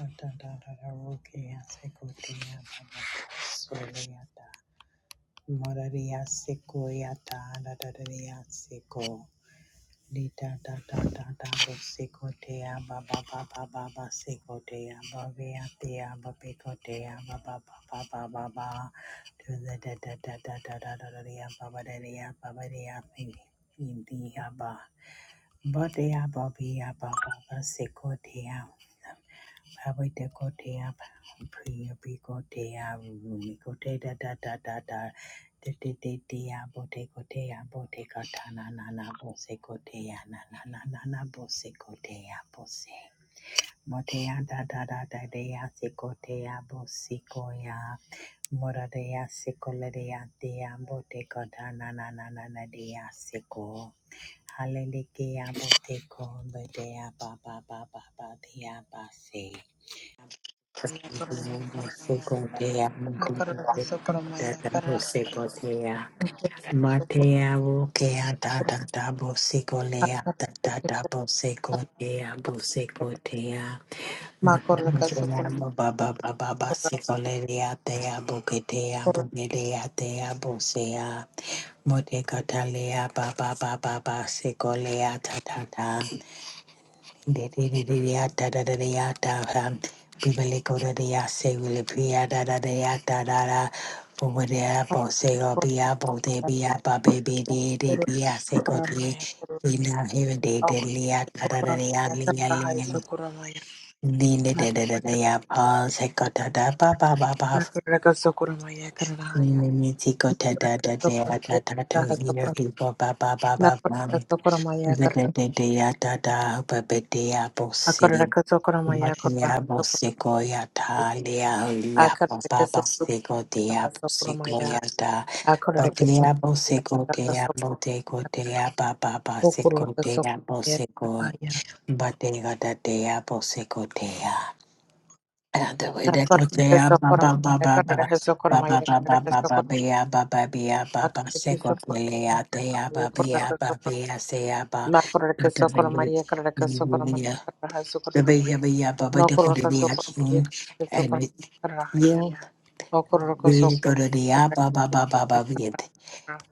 Atadadadarokia sekotia babakasoliata. Moraria sekoiata dadadaria seko. Baba sekotea bababababa sekotea baba baba baba. To the dadadadadadadaria babadaria babadia baby. Ibiaba. Bodea babia bababa sekotea. Lavete kotea, priya bikotea, rumi kote da da da da da, de de de dea, bote kotea, bote katana na na na, bose kotea, na na na na na, bose kotea, bose. Motea da da da da dea, sikotea, bosikoya, moradea, sikoladea, dea, bote katana na na na na, dea, siko. Hallelujah, bote ko, botea, ba ba ba ba ba, dea, ba se. Makorra Secotea, Socorro Maya, Dabo Corra, Secotea, Matea, Rokea, Dada Dabo Secolea, Dada Dabo Secotea, Bosecotea, Matea, Baba Baba Secolea, Dea Bocatea, Bocatea, Dea Bosea, Motecatalea, Baba Baba Secolea, Tata. Dee dee dee dee da da da, da ya da ham. Bibele ko da da ya se wile pia da da da ya da da da. Umu de ya bo se go bia bo de bia ba be be de de de ya se go de. Ina hive de de li ya da da da da ya li ya li ya. Ni ne de de de de ya pa se go da da Socorro Maya, ba dee apple seed. Bhakti mera bhoshe ko ya ta leya leya baba Acarra, bhoshe ko deya bhoshe ko Hasokurumaya, ya ta patleya bhoshe Akorakasokurumaya, ko deya Karakasokurumaya, bote ko deya baba bhoshe ko deya Okurakasokurumaya, bhoshe ko Karahaya, batega da deya bhoshe ko deya thewe de ko deya Akorakasokurumaya, baba baba baba baba Karakasokurumaya, Karakasokurumaya, baba baba baba Akarakasokurumaya, bia baba bia baba bhoshe ko Karahaya, leya deya baba bia baba Okurakasokurumaya, bia seya baba bata benguli Makorakasokurumaya, Karakasokurumaya, benguli ya. Baba Karahasokurumaya, yaba yaba baba da ko ni yaki Nokorakasokurumaya, And Karakasokurumaya, Karahaya, yo Okurakasokurumaya, we go to the Karakasokurumaya, yaba Baba baba ba ba we Karahaya,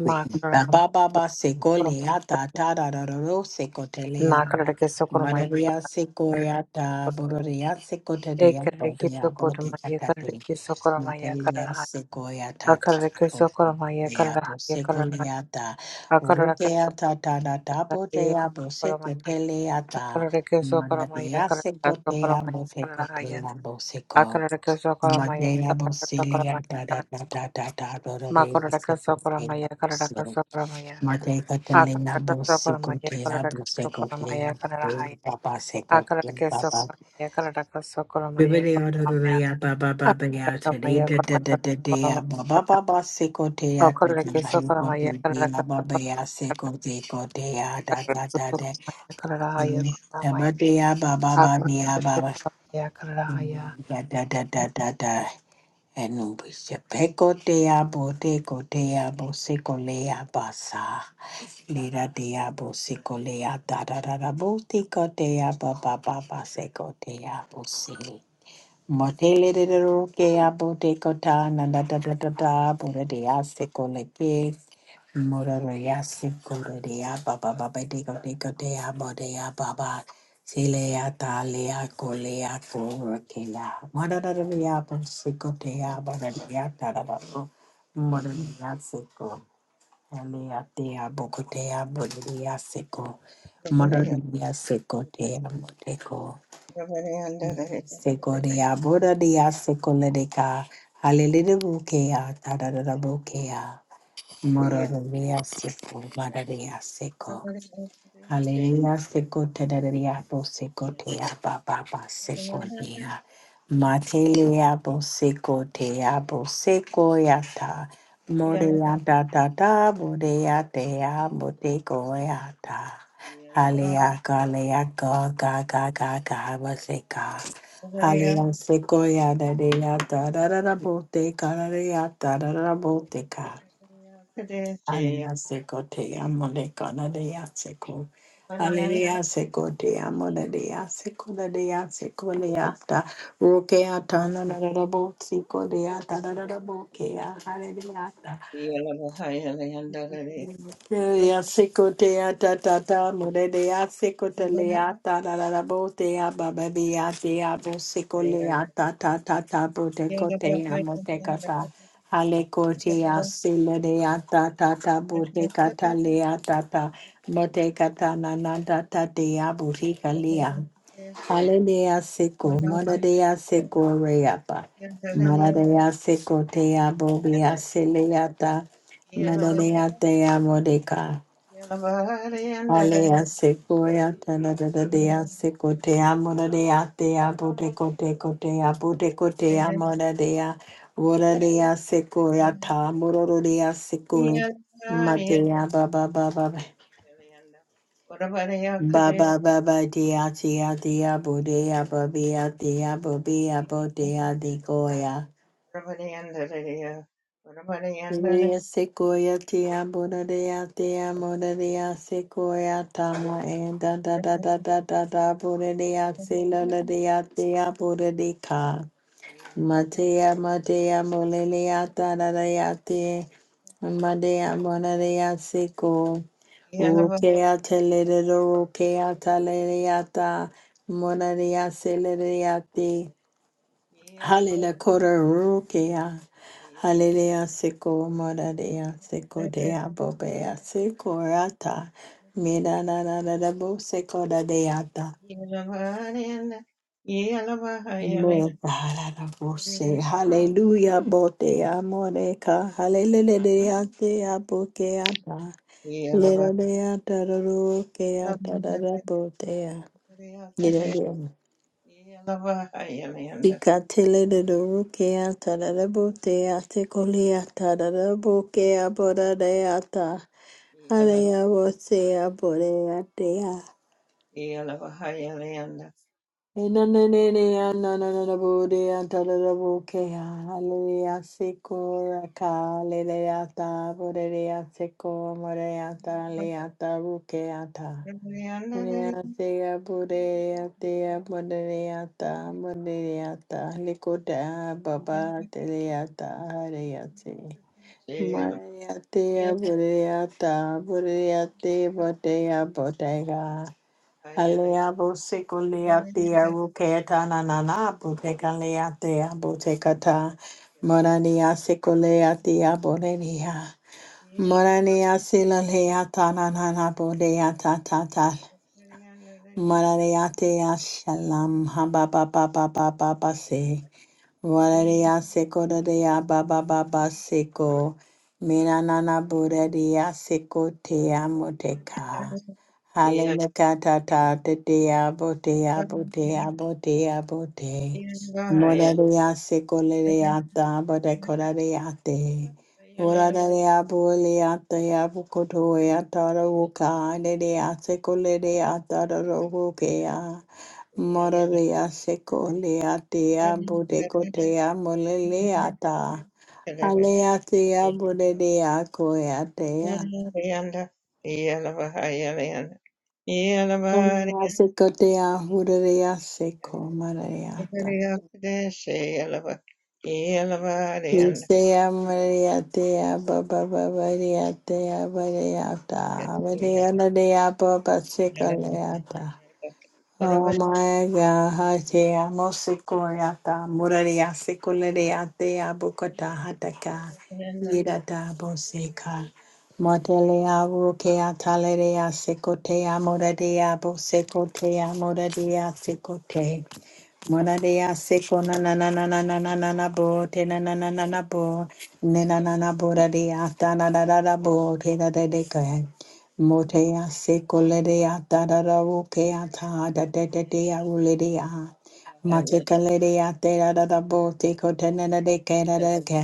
Makarahamaya, se go le Karakorum- ata ta ta da da da ro se ko Nakarakasokurumaya, Mararia Karahaya, secoyata, Bororia secota de Yapo de Ekerreki sokorma Abote Catati, yekerreki sokorma Materia yekerraha secoyata, akarreki sokorma yekerraha Yabo yekerraha secoliata, akarreki Rukeata tada tabo de Abo sokorma yekerraha secoteleata, akarreki sokorma Manadia yekerraha secotea, sokorma yekerraha yen Bofecotea, Boseco, akarreki sokorma Matea yekerreki sokorma Bosilia tada yekerraha tata tata, Bororia makorreki sokorma yekerreki secotea, sokorma yen Mate Catalina akarreki sokorma Bosicoti, yekerreki sokorma Abusecoti, yekerraha Abu yen Papa Secoti, akarreki Papa. sokorma yekerreki sokorma Bibidi yekerraha yen Odoria Baba Baba akarreki Yata, sokorma Data yekerreki Data Data, sokorma Baba Baba Secoti, Socorro que socorro maya carara Atapati, que Baba socorro Yasecoti, Cotea, carara que Data socorro Data, maya carara haya carara maya Abadia Baba socorro Baba que Baba, socorro maya carara haya. Data Data Data. Enubisha peko deabo deco deabo secolea basa. Lira deabo secolea da da da da botica deaba baba seco deabo se. Motele de ro ke abo de kota na da da da da da bora de ase kole ke mora ro yase kole de ya ba ba ba ba de ko de ko de ya bo de ya ba ba se le ya ta le ya ko le ya ko ro ke ya mora da da ya bo se ko de ya ba da de ya da ba ro mora de ya ko le ya te bo ko te ya bo de ya se ko mora de ya ko te ya mo ko Sekorea, Borodea, Sekoledeka, Halilibukea, Tadadabukea, Mororovia, Seko, Vadaria, Seko. Hallelujah, sekotereria bo sekotea ba ba ba sekotea. Matelea bo sekotea bo sekoyata. Morea da da da, morea dea, motekoyata. Halea galea ga ga ga ga ga waseka. Halea sekoya da dea da da da da bote, da dea, da da da bote Alema se te amo le kona de ya seko. Aleluya se te amo le de ya seko le de ya seko le ya ta. Roke ya na na na na bo seko le ya na na na bo ke ya. Yeah. Yeah. Teya seko teya ta ta ta mure deya seko te leya ta ra ra ra bo teya ba ba bi a te teya bo seko leya ta ta ta ta bo te ko teya mo te ka ta hale ko teya se le deya ta ta ta bo te ka ta leya ta ta mo te ka ta na na ta ta teya bo te ka leya Haledea seko, moradea seko reapa, maradea seko tea bobia seleata, medadea tea modeca, alea sequoia, tanadadea seko tea moradea tea boteco teco tea boteco tea moradea, voradea sequoia ta, mororodea sequoia, matea baba baba. Ba ba ba ba dia dia dia bo dia bo dia dia bo dia bo dia di goya. Dia sequoia dia bo da dia dia mo da dia sequoia tamo and da da da da da da da bo da dia se la la dia dia bo da dia. Matea Matea Molelea Tarayate Madea Monarea Seco Rukea Teledero Rukea Talereata Monarea Celereate Halila Kora Rukea Halilea Seco Monarea Seco Dea Bobea Seco Rata Mida Nada Bo Seco Deata Lord God, I will say hallelujah, bote amoreka, hallelujah, te abokeata, Yeah. lelea tararukea Yeah. tararabotea, lelea. Sika tele de rukea tararabotea, tecolea tararabokea boradeata, halea botea boreatea. Enanene anananabude antalarabukea Hallelujah, Sikora Kaleata, Borea Siko, Morea Taleata, Rukeata. Morea Sea Borea Tea Boreata, Boreata, Likota, Baba Teleata, Hareate. Maria Tea Boreata, Boreate, Botea, Botega. Alea boseko lea tea ruketa na na na boteka lea tea boteka ta morania seko lea tea borenia morania sila lea ta na na na bodea ta ta ta morania tea shalam ha ba ba ba ba ba ba se morania seko da dea ba ba ba ba seko mina na na bodea seko tea moteka Hallelujah, de diabo, diabo, diabo, diabo, de. Moraria secolereata, bodecorariate. Moraria boleata, abucotoea, tarabuca, nerea secolereata, robucea. Moraria secoleatea, bodecotea, moleata. Aleatea, bodea, coeatea. Yeah. Maria Secotea, Hurea, Seco, Mareata. Sea Mariatea, Baba Bavariatea, Variata, Variana dea, Baba Secaleata. Ora Oh bariya, my God, Hatea, Mosicoriata, Muraria, Seculareatea, Bocota, Hataka, Yidata, Boseca. Motelea, Rukea, Talerea, Secotea, Moradea, Bosecotea, Moradea, Secotea. Mona de Asico, na na na na na na na na na bo, te na na na na na bo, ne na na na bo da de ata na da da da bo, te da de de ka. Mote Asico le de ata da da wo ke ata da de de de ya wo le de a. Mate ka le de ate da da da bo, te ko te na na de ke da de ke.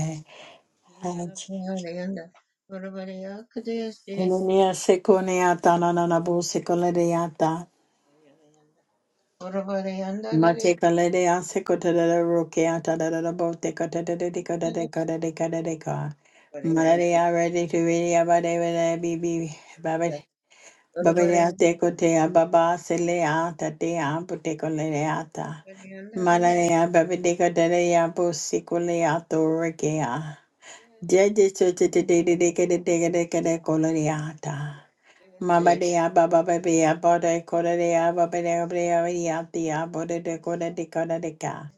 Mona de Asico ne ata na na na bo, se ko le de ata. Mate kalede ase kota da da roke ata da da da bo te a tadada bote katadada dekadada kadada kadada ka. Malade a ready to ready a bade bade bibi babade. Babade a bariya, tekote a baba sele a te a pute kolede a ta. bariya, bariya. Malade a babade kadada a bosikole a to roke a. Jeje so te de de de de te de de de kolede a ta. They were Mama dea baba babea bode coda dea baba dea brea yatia bode de coda de coda de ca.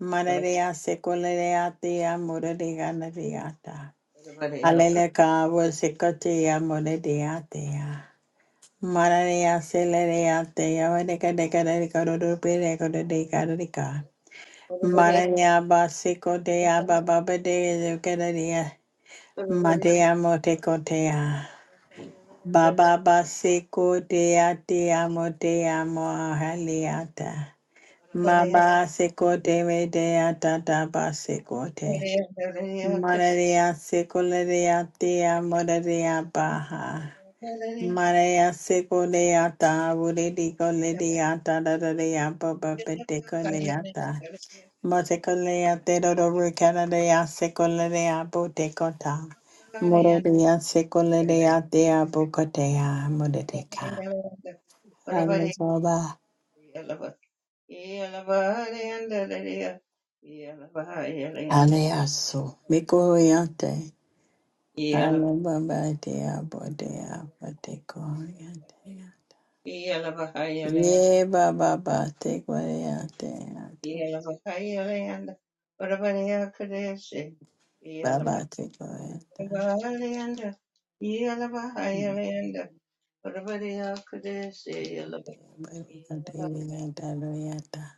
Mana dea secola dea tia muda de gana deata. Everybody, else. Alele ca was secotia muda deatia. Mana dea celerea tia vedeca deca de coda de pereco de coda de ca. Everybody Mana else. dea basico dea baba de coda dea. Everybody Matea motecotea. Baba baseko te ate amo te amo ahaliata. Maba seko te me te atata baseko te. Mararia seko le de ate amo le de abaha. Mararia seko le ata avure di ko le de ata da da de ababa pete ko le ata. Matekolea Tedoro Canadea Secolea Botecota Morodea Secolea Dea Bocotea Modeteca Ayazoba Everybody Yelabahayalandadaya. Yelabahayalayanda. Aleaso Micoyante Yelabahayalayanda. Ayababa Dea Bodea Botecoyante Yelabahayalayanda. Ye Baba Batecoyante Yelabahayalayanda. Orabariyakadesi. Baba Tecoyante Yelabahayalayanda. Yelabahayalayanda. Orabariyakadesi. Yelaba- Yelaba-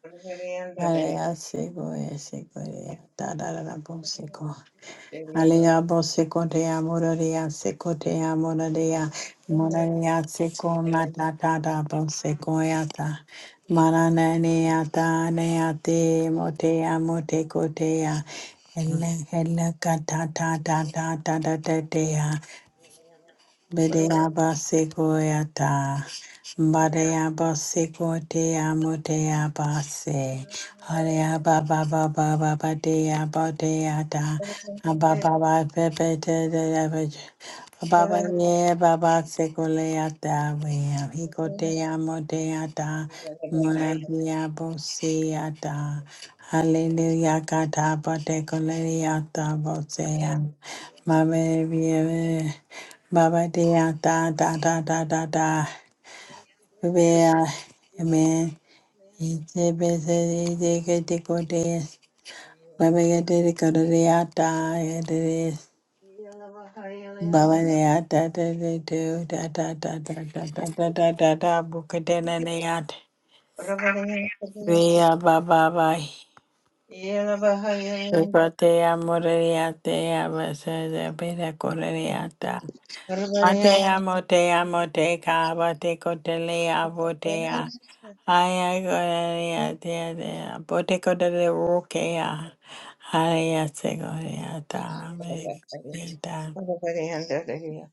Orabariyandadaya. Hallelujah, seko seko da da da da, bo Yelaba- sego. Yelaba- Hallelujah, bo sego, de amor, de a sego, de amor, de a mona, Yelaba- da da Yelaba- da, bo sego, ya da. Mana na ne ya da ne te, mo te mo te ko te ya. Hele hele kata da da da da da da da de ya. Bedea baseco yata, Badea basekotea motea base. Harea baba baba baba dea bodeata. Ababa pepe de de Baba ye baba sekoleata. Wea hikotea modeata. Moragia boseata. Hallelujah kata botekoleata bosea. Mame Baba dea da da da da da da. Bea. Amen. Ite bese ite kete kote. Baba yate de kote dea da yate de. Baba dea da da da da da da da da da da da da da bukete na dea. Bea baba bai. Kote amore dea te abasa de bera kore dea da. Atea motea moteca bateco telea botea. Aya gorea tea dea boteco de le roquea. Aya segoreata mediata. Ora varianda reya,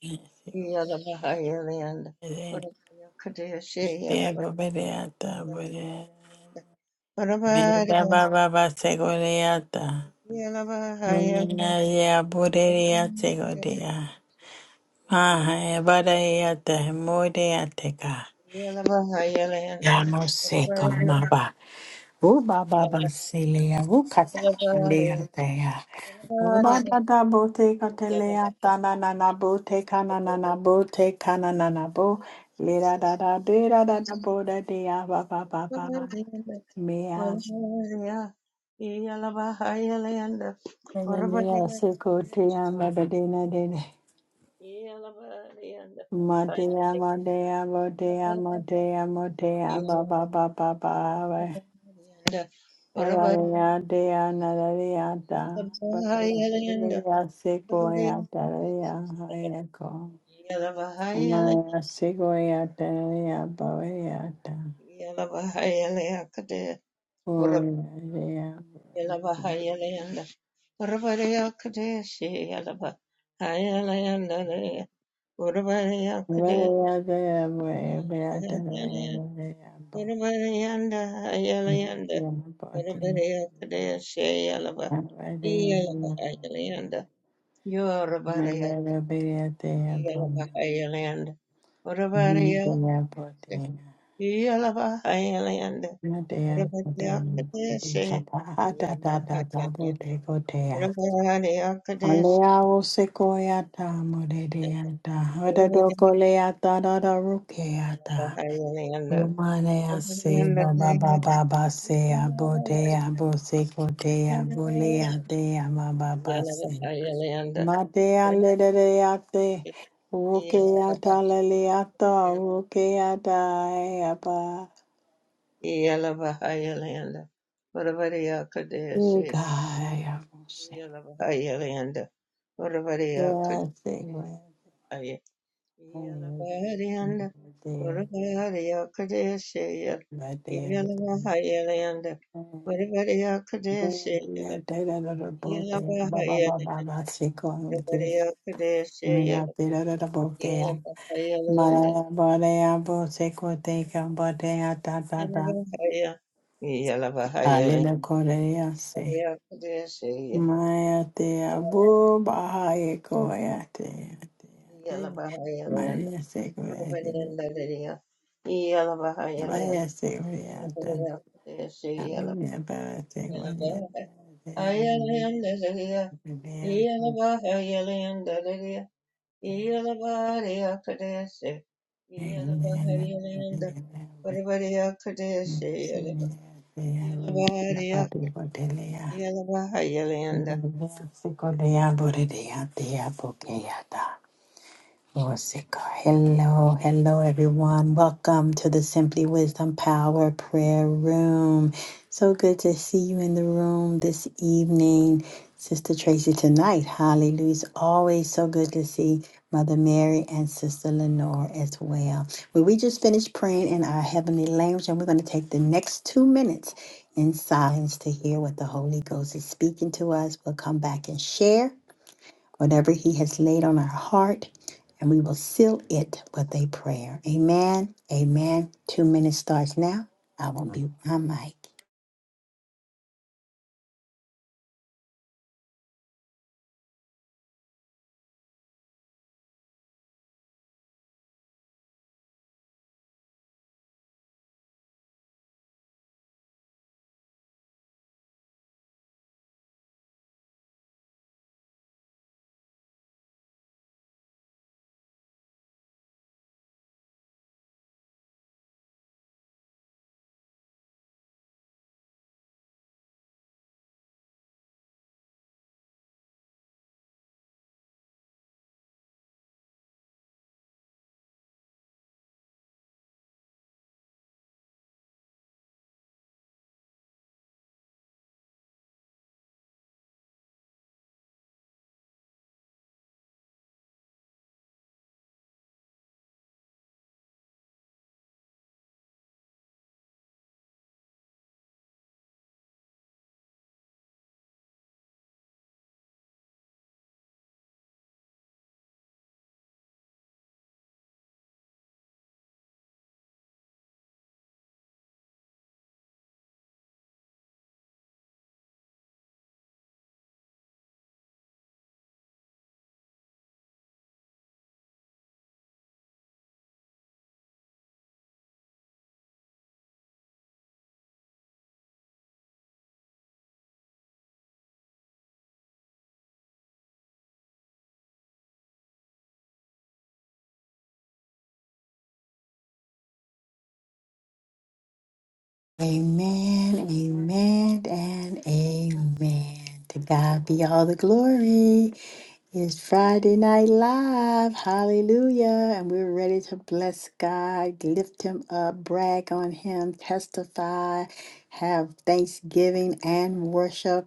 yala bahaya leanda. Ora variya kadeya she yala Beba bedeata bahaya bodea. leanda. Ora Meda variya baba ba segoreata. yala bahaya leanda. Nunaya boderia Yala segodea. Mahaya badeata modeateca. yala bahaya leanda. Yamo Ora seco variya maba. Ooh, ba ba ba silea, ooh kata yala bahaya lea tea. Ooh ba da she da bo te kata lea, ta na na na bo te ka na na na bo te ka na na na bo. Le da da da de da da da bo da dea, ba ba ba ba. ba. Mea, Urubariyandariya, Yalabahayalanda, Urubariyakadeshe, Yalabahayalanda, Urubariya, Yalabahayalanda, Yalabahayalanda, ena nea Urubariya, Yalabahayalanda, Urubariya, Yalabahayalanda, se ko tea, ma ba de na de de. Urubariya, Yalabahayalanda, Ma bahaya dea, Yalabahayalanda, ma dea, mo dea, mo Yalabahayalanda, dea, mo dea, ba ba ba ba ba. Avareyadea Narayata Bharaya Sequoia Taraya Hayako Amaya Sequoia Taraya Bhavayata Puraya Everybody up there, say Varaya Dea Varaya Taraya Varaya Bhavaya Avareyadea yellow, Narayata yellow, yellow. Bhavaya Yalabahayalanda. Orabariya Varaya Kadeshe. Bhavaya Yalabahayalanda. Nadea, Orabariya Bodea, Kadeshe. Bujapa, Ada, Da, Da, Da, Yalabahayalanda. Bode, Godea. Orabariya Kadeshe. Alea, Sequoiata, Modedeata, Orabariya Hodadocoleata, Dada, Rukeata. Yalabahayalanda. Romanea, Se, Baba, Orabariya Baba, Basea, Bodea, Bosecotea, Yalabahayalanda. Bolea, Dea, Baba, Basi. Yalabahayalanda. Madea, Ledeate, Rukeata, Leleata, Rukeata, Eba. Orabariya Kadeshe. Igaya, Yalabahayalanda. Yeah, Urvariya Kajaya I think my dad, Yalavarianda my dad, Urvariya Kajaya my dad, my Yalavarianda Urvariya Kajaya Yalavarianda Urvariya Kajaya dad, both there, Yalavarianda Baba Baba, my security, Yalavariya Yalavariya when Kajaya I did it both there. Yalavarianda Malaya Bodea, both security, Bodea, da da da, Urvariya Kajaya a little Korea, say. Maya dea, boo, Bahaya, Koya, dea, dea, dea. Yalavarianda Maria security, Maria security, Urvariya Kajaya Amina birthday I one will share. them Papi Botelia, Sicolia Borea, Tia Pokea, Lord, Hello, hello, everyone. Welcome to the Simply Wisdom Power Prayer Room. So good to see you in the room this evening, Sister Tracy, tonight. Hallelujah. It's always so good to see Mother Mary and Sister Lenore as well. Well, we just finished praying in our heavenly language, and we're going to take the next two minutes in silence to hear what the Holy Ghost is speaking to us. We'll come back and share whatever He has laid on our heart, and we will seal it with a prayer. Amen. Amen. Two minutes starts now. I will mute my mic. Amen. Amen. And amen. To God be all the glory. It's Friday Night Live. Hallelujah. And we're ready to bless God, lift Him up, brag on Him, testify, have thanksgiving and worship.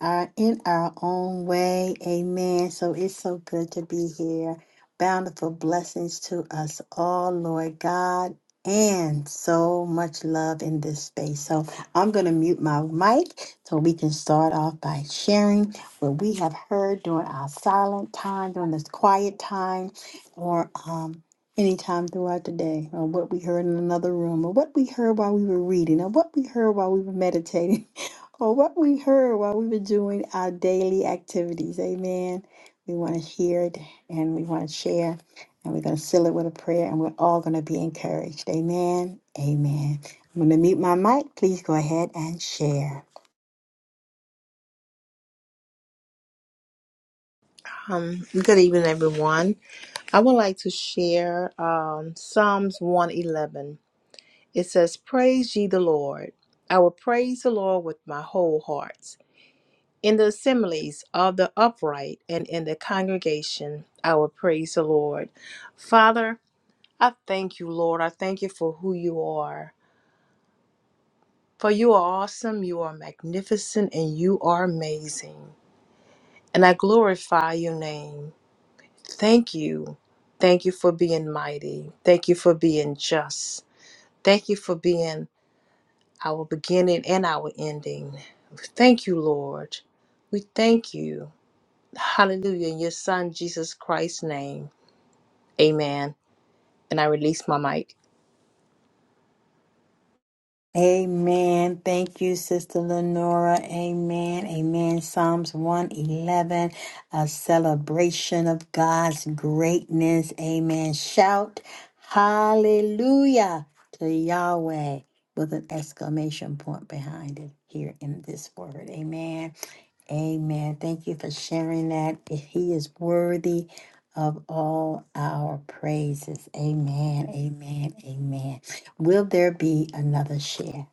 are in our own way. Amen. So it's so good to be here. Bountiful blessings to us all, Lord God, and so much love in this space. So I'm going to mute my mic so we can start off by sharing what we have heard during our silent time, during this quiet time, or um, anytime throughout the day, or what we heard in another room, or what we heard while we were reading, or what we heard while we were meditating or what we heard while we were doing our daily activities. Amen. We want to hear it and we want to share, and we're going to seal it with a prayer, and we're all going to be encouraged. Amen. Amen. I'm going to mute my mic. Please go ahead and share. Um, good evening, everyone. I would like to share um, Psalms 111. It says, Praise ye the Lord. I will praise the Lord with my whole heart. In the assemblies of the upright and in the congregation, I will praise the Lord. Father, I thank you, Lord. I thank you for who you are. For you are awesome, you are magnificent, and you are amazing. And I glorify your name. Thank you. Thank you for being mighty. Thank you for being just. Thank you for being our beginning and our ending. Thank you, Lord. We thank you. Hallelujah. In your son, Jesus Christ's name. Amen. And I release my mic. Amen. Thank you, Sister Lenora. Amen. Amen. Psalms 111, a celebration of God's greatness. Amen. Shout hallelujah to Yahweh with an exclamation point behind it here in this word. Amen. Amen. Thank you for sharing that. He is worthy of all our praises. Amen. Amen. Amen. Will there be another share?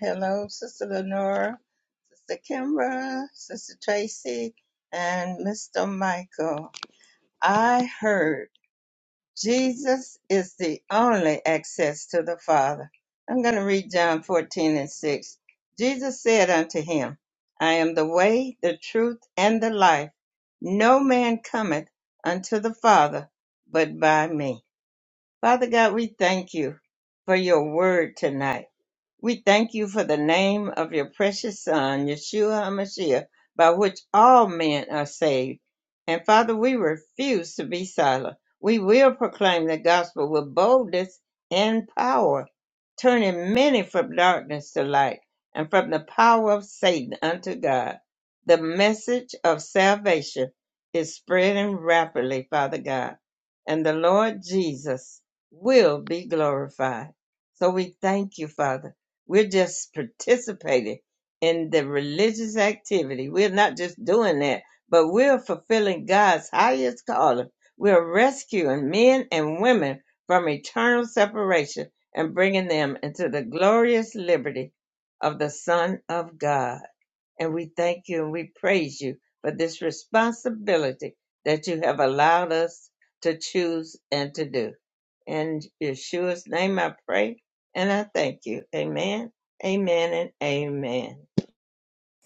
Hello, Sister Lenora, Sister Kimbra, Sister Tracy, and Mr. Michael. I heard. Jesus is the only access to the Father. I'm going to read John 14 and 6. Jesus said unto him, I am the way, the truth, and the life. No man cometh unto the Father but by me. Father God, we thank you for your word tonight. We thank you for the name of your precious Son, Yeshua HaMashiach, by which all men are saved. And Father, we refuse to be silent. We will proclaim the gospel with boldness and power, turning many from darkness to light and from the power of Satan unto God. The message of salvation is spreading rapidly, Father God, and the Lord Jesus will be glorified. So we thank you, Father we're just participating in the religious activity. We're not just doing that, but we're fulfilling God's highest calling. We're rescuing men and women from eternal separation and bringing them into the glorious liberty of the Son of God and we thank you and we praise you for this responsibility that you have allowed us to choose and to do. In Yeshua's name I pray and I thank you. Amen, amen, and amen.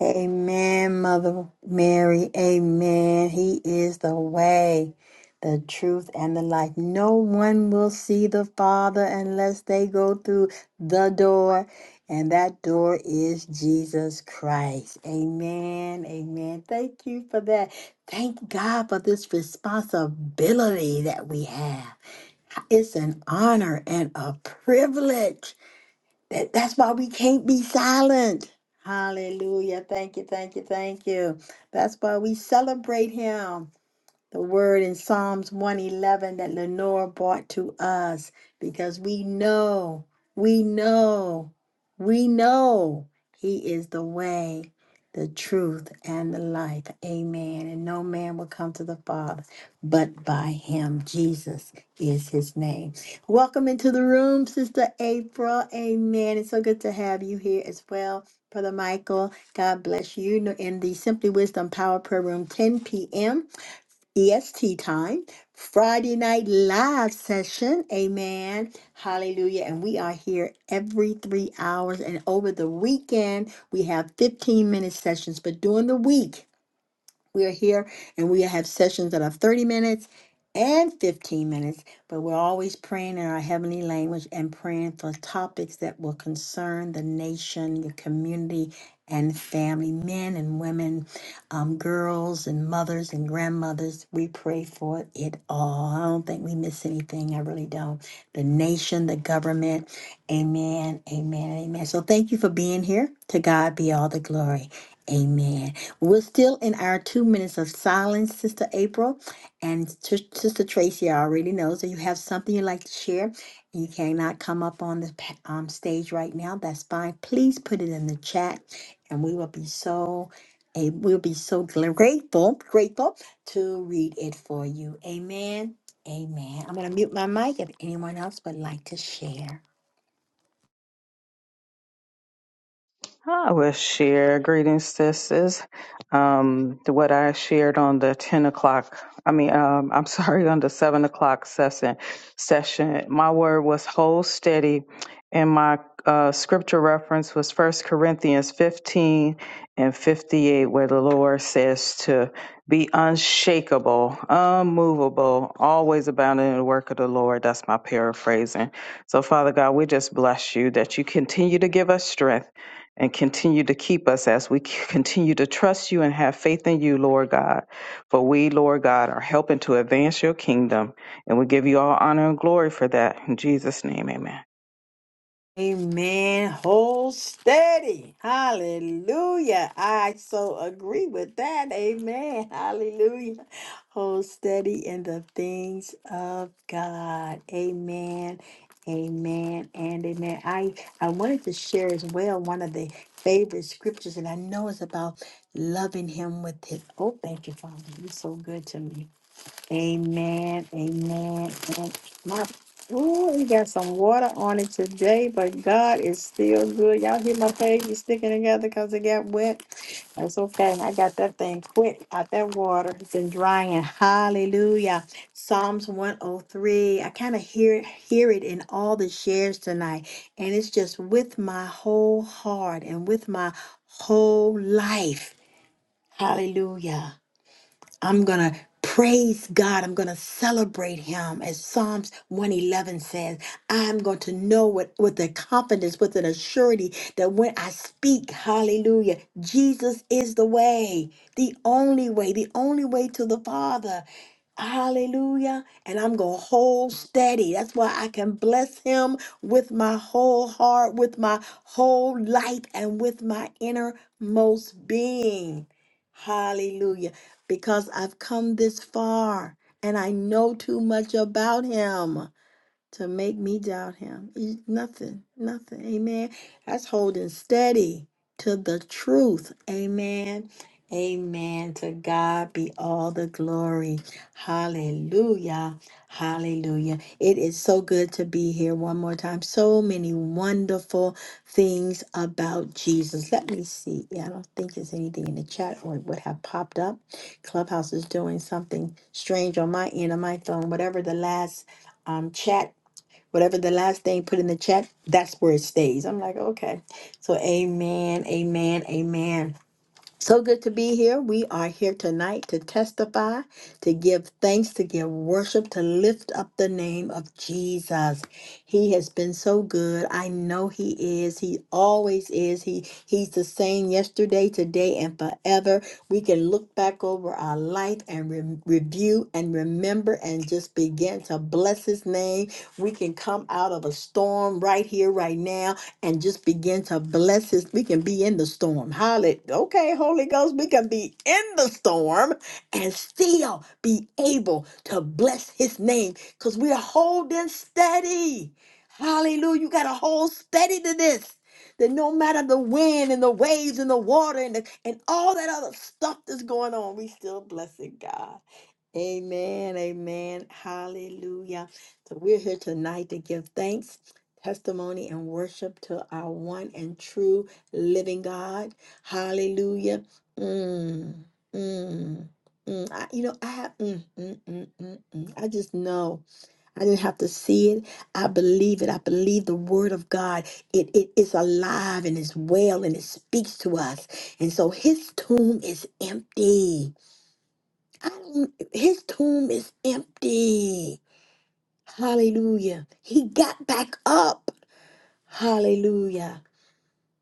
Amen, Mother Mary. Amen. He is the way, the truth, and the life. No one will see the Father unless they go through the door, and that door is Jesus Christ. Amen. Amen. Thank you for that. Thank God for this responsibility that we have. It's an honor and a privilege that, that's why we can't be silent. Hallelujah. Thank you, thank you, thank you. That's why we celebrate him the word in Psalms 111 that Lenore brought to us because we know, we know, we know He is the way, the truth, and the life. Amen. And no man will come to the Father but by Him. Jesus is His name. Welcome into the room, Sister April. Amen. It's so good to have you here as well. Brother Michael, God bless you. In the Simply Wisdom Power Prayer Room, 10 p.m. EST time, Friday night live session. Amen. Hallelujah. And we are here every three hours. And over the weekend, we have 15 minute sessions. But during the week, we are here and we have sessions that are 30 minutes and 15 minutes, but we're always praying in our heavenly language and praying for topics that will concern the nation, the community, and family, men and women, um, girls and mothers and grandmothers. We pray for it all. I don't think we miss anything. I really don't. The nation, the government. Amen. Amen. Amen. So thank you for being here. To God be all the glory. Amen. We're still in our two minutes of silence, Sister April. And Sis- Sister Tracy already knows that you have something you'd like to share. You cannot come up on the pa- um, stage right now. That's fine. Please put it in the chat, and we will be so. a- We'll be so gl- grateful, grateful to read it for you. Amen. Amen. I'm going to mute my mic if anyone else would like to share. I will share greetings, sisters. Um, what I shared on the ten o'clock. I mean, um, I'm sorry, on the seven o'clock session. Session. My word was hold steady, and my uh, scripture reference was First Corinthians 15 and 58, where the Lord says to be unshakable, unmovable, always abounding in the work of the Lord. That's my paraphrasing. So, Father God, we just bless you that you continue to give us strength and continue to keep us as we c- continue to trust you and have faith in you, Lord God. For we, Lord God, are helping to advance your kingdom, and we give you all honor and glory for that. In Jesus' name, amen. Amen. Hold steady. Hallelujah. I so agree with that. Amen. Hallelujah. Hold steady in the things of God. Amen. Amen and amen. I I wanted to share as well one of the favorite scriptures, and I know it's about loving Him with His. Oh, thank you, Father. You're so good to me. Amen. Amen. And my oh, we got some water on it today, but God is still good. Y'all hear my pages sticking together because it got wet. That's okay. I got that thing quick out that water. It's been drying. Hallelujah. Psalms 103. I kind of hear it, hear it in all the shares tonight. And it's just with my whole heart and with my whole life. Hallelujah. I'm going to praise God. I'm going to celebrate him. As Psalms 111 says, I'm going to know with, with the confidence, with an assurity that when I speak, hallelujah, Jesus is the way, the only way, the only way to the Father. Hallelujah. And I'm going to hold steady. That's why I can bless him with my whole heart, with my whole life, and with my innermost being. Hallelujah because I've come this far and I know too much about him to make me doubt him. E- Nothing, nothing. Amen. That's holding steady to the truth. Amen. Amen. To God be all the glory. Hallelujah. Hallelujah. It is so good to be here one more time. So many wonderful things about Jesus. Let me see. Yeah, I don't think there's anything in the chat or it would have popped up. Clubhouse is doing something strange on my end of my phone. Whatever the last um, chat Whatever the last thing put in the chat, that's where it stays. I'm like, okay. So amen, amen, amen. So good to be here. We are here tonight to testify, to give thanks, to give worship, to lift up the name of Jesus. He has been so good. I know he is. He always is. He he's the same yesterday, today and forever. We can look back over our life and re- review and remember and just begin to bless his name. We can come out of a storm right here right now and just begin to bless his. We can be in the storm. Hallelujah. Okay, Holy Ghost, we can be in the storm and still be able to bless his name because we're holding steady. Hallelujah. You got to hold steady to this. That no matter the wind and the waves and the water and, the, and all that other stuff that's going on, we still blessing God. Amen, amen, hallelujah. So we're here tonight to give thanks, testimony, and worship to our one and true living God. Hallelujah. Mm, mm, mm. I, you know, I have, mm, mm, mm, mm, mm. I just know. I didn't have to see it. I believe it. I believe the word of God. It, it is alive and it's well and it speaks to us. And so his tomb is empty. I'm- his tomb is empty. Hallelujah. He got back up. Hallelujah.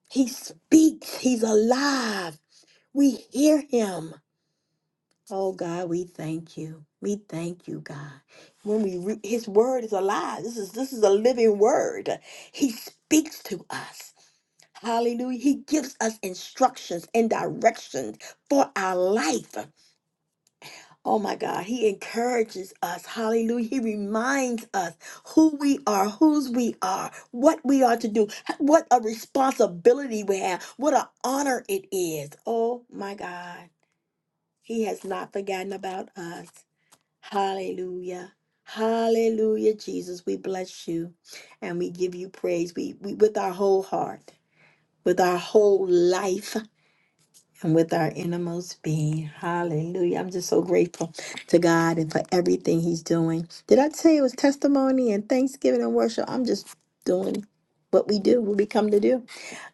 He speaks. He's alive. We hear him. Oh God, we thank you. We thank you, God. When we re- his word is alive. This is this is a living word. He speaks to us. Hallelujah. He gives us instructions and directions for our life. Oh my God, he encourages us. Hallelujah. He reminds us who we are, whose we are, what we are to do, what a responsibility we have, what an honor it is. Oh my God, he has not forgotten about us. Hallelujah. Hallelujah, Jesus. We bless you and we give you praise. We, we with our whole heart, with our whole life and with our innermost being. Hallelujah. I'm just so grateful to God and for everything He's doing. Did I tell you it was testimony and thanksgiving and worship? I'm just doing what we do, what we come to do.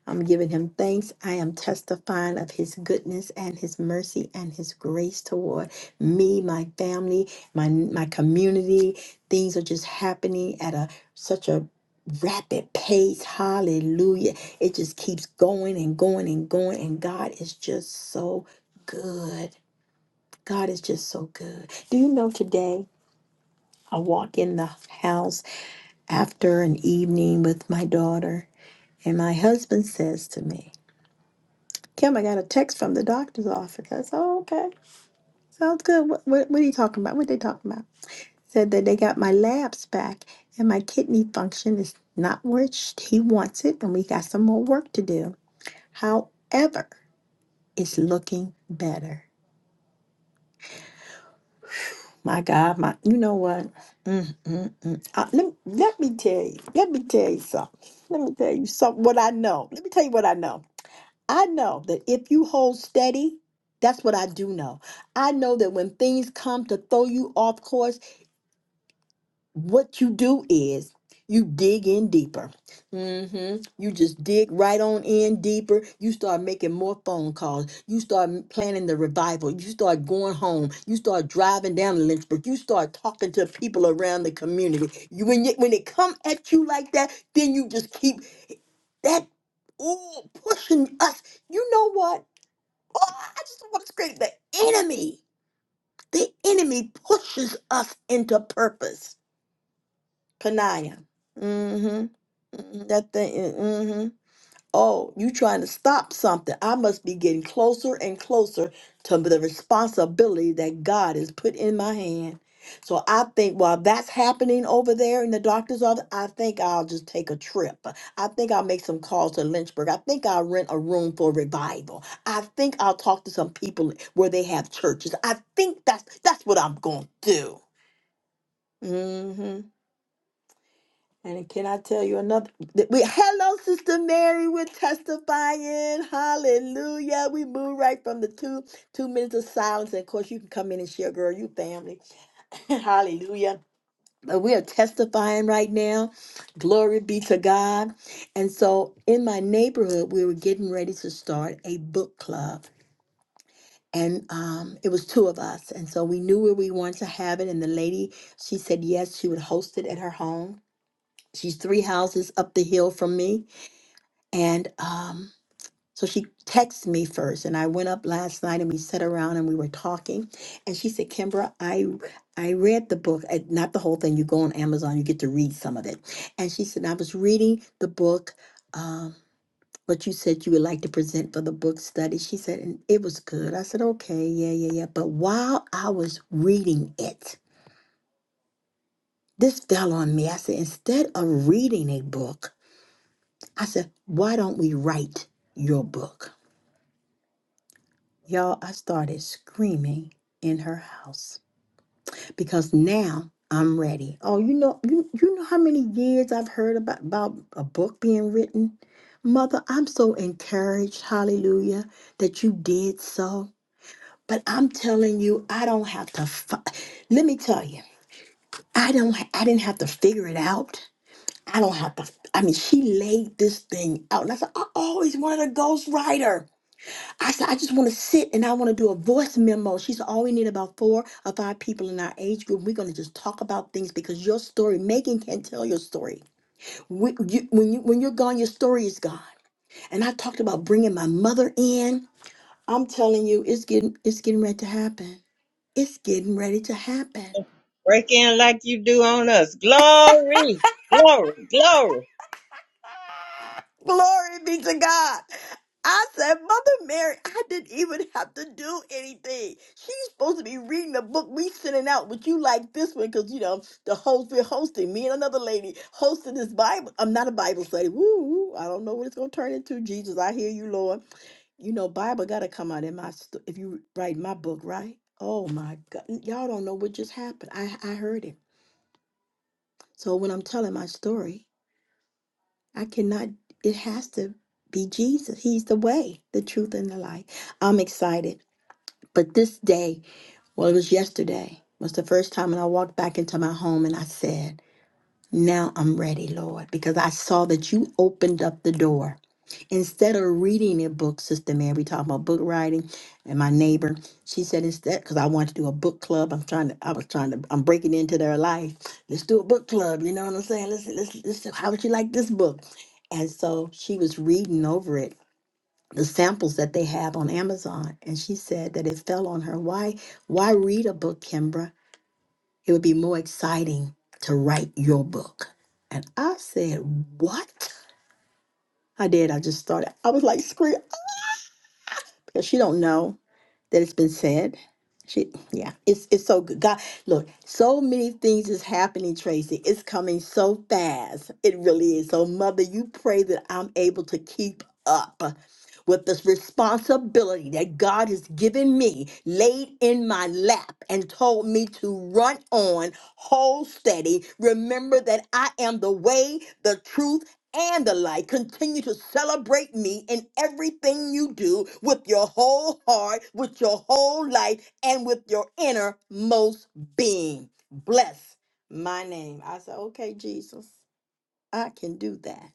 I'm giving him thanks. I am testifying of his goodness and his mercy and his grace toward me, my family, my my community. Things are just happening at a such a rapid pace. Hallelujah. It just keeps going and going and going and God is just so good. God is just so good. Do you know today I walk in the house after an evening with my daughter and my husband says to me, Kim, I got a text from the doctor's office. I said, oh, okay. Sounds good. What, what, what are you talking about? What they talking about? Said that they got my labs back and my kidney function is not where it sh- he wants it, and we got some more work to do. However, it's looking better. My God, my, you know what? Mm, mm, mm. Uh, let, let me tell you, let me tell you something. Let me tell you something, what I know. Let me tell you what I know. I know that if you hold steady, that's what I do know. I know that when things come to throw you off course, what you do is you dig in deeper. hmm You just dig right on in deeper. You start making more phone calls. You start m- planning the revival. You start going home. You start driving down to Lynchburg. You start talking to people around the community. You, when, you, when it come at you like that, then you just keep that, oh, pushing us. You know what? Oh, I just want to scream. The enemy, the enemy pushes us into purpose. Panaya. Mm-hmm. Mm-hmm. That thing. mm-hmm. Oh, you trying to stop something. I must be getting closer and closer to the responsibility that God has put in my hand. So I think while that's happening over there in the doctor's office, I think I'll just take a trip. I think I'll make some calls to Lynchburg. I think I'll rent a room for revival. I think I'll talk to some people where they have churches. I think that's that's what I'm gonna do. Mm-hmm. And can I tell you another? th- We hello, Sister Mary. We're testifying. Hallelujah. We move right from the two two minutes of silence. And of course, you can come in and share, girl. You family. Hallelujah. But we are testifying right now. Glory be to God. And so in my neighborhood, we were getting ready to start a book club. And um, it was two of us. And so we knew where we wanted to have it. And the lady, she said yes, she would host it at her home. She's three houses up the hill from me. And um, so she texted me first. And I went up last night and we sat around and we were talking. And she said, Kimbra, I I read the book, uh, not the whole thing. You go on Amazon, you get to read some of it. And she said, I was reading the book, um, what you said you would like to present for the book study. She said, and it was good. I said, okay, yeah, yeah, yeah. But while I was reading it, this fell on me. I said, instead of reading a book, I said, Why don't we write your book? Y'all, I started screaming in her house because now I'm ready. Oh, you know, you, you know how many years I've heard about, about a book being written? Mother, I'm so encouraged, hallelujah, that you did so. But I'm telling you, I don't have to. Fi- Let me tell you, I don't. ha- I didn't have to figure it out. I don't have to. I mean, she laid this thing out, and I said, I always wanted a ghostwriter. I said, I just want to sit and I want to do a voice memo. She said, All we need about four or five people in our age group. We're going to just talk about things because your story, Megan can't tell your story. When, you, when, you, when you're gone, your story is gone. And I talked about bringing my mother in. I'm telling you, it's getting, it's getting ready to happen. It's getting ready to happen. Break in like you do on us. Glory, glory, glory. Glory be to God. I said, Mother Mary, I didn't even have to do anything. She's supposed to be reading the book we sending out. Would you like this one? Because, you know, the host, we're hosting, me and another lady hosting this Bible. I'm not a Bible study. Woo, woo. I don't know what it's going to turn into. Jesus, I hear you, Lord. You know, Bible got to come out in my, st- if you write my book, right? Oh, my God. Y'all don't know what just happened. I, I heard it. So when I'm telling my story, I cannot, it has to be Jesus. He's the way, the truth, and the light. I'm excited. But this day, well, it was yesterday, was the first time when I walked back into my home and I said, Now I'm ready, Lord, because I saw that you opened up the door instead of reading a book, Sister Mary, we talk about book writing, and my neighbor, she said instead, because I wanted to do a book club. I'm trying to, I was trying to, I'm breaking into their life. Let's do a book club. You know what I'm saying? Let's, let's, let's how would you like this book? And so she was reading over it, the samples that they have on Amazon, and she said that it fell on her. Why, why read a book, Kimbra? It would be more exciting to write your book. And I said, what? I did. I just started. I was like, scream. because she don't know that it's been said. She, yeah, it's it's so good. God, look, so many things is happening, Tracy. It's coming so fast. It really is. So, Mother, you pray that I'm able to keep up with this responsibility that God has given me, laid in my lap, and told me to run on, hold steady. Remember that I am the way, the truth and the light Continue to celebrate me in everything you do with your whole heart, with your whole life, and with your innermost being. Bless my name. I said, okay, Jesus, I can do that.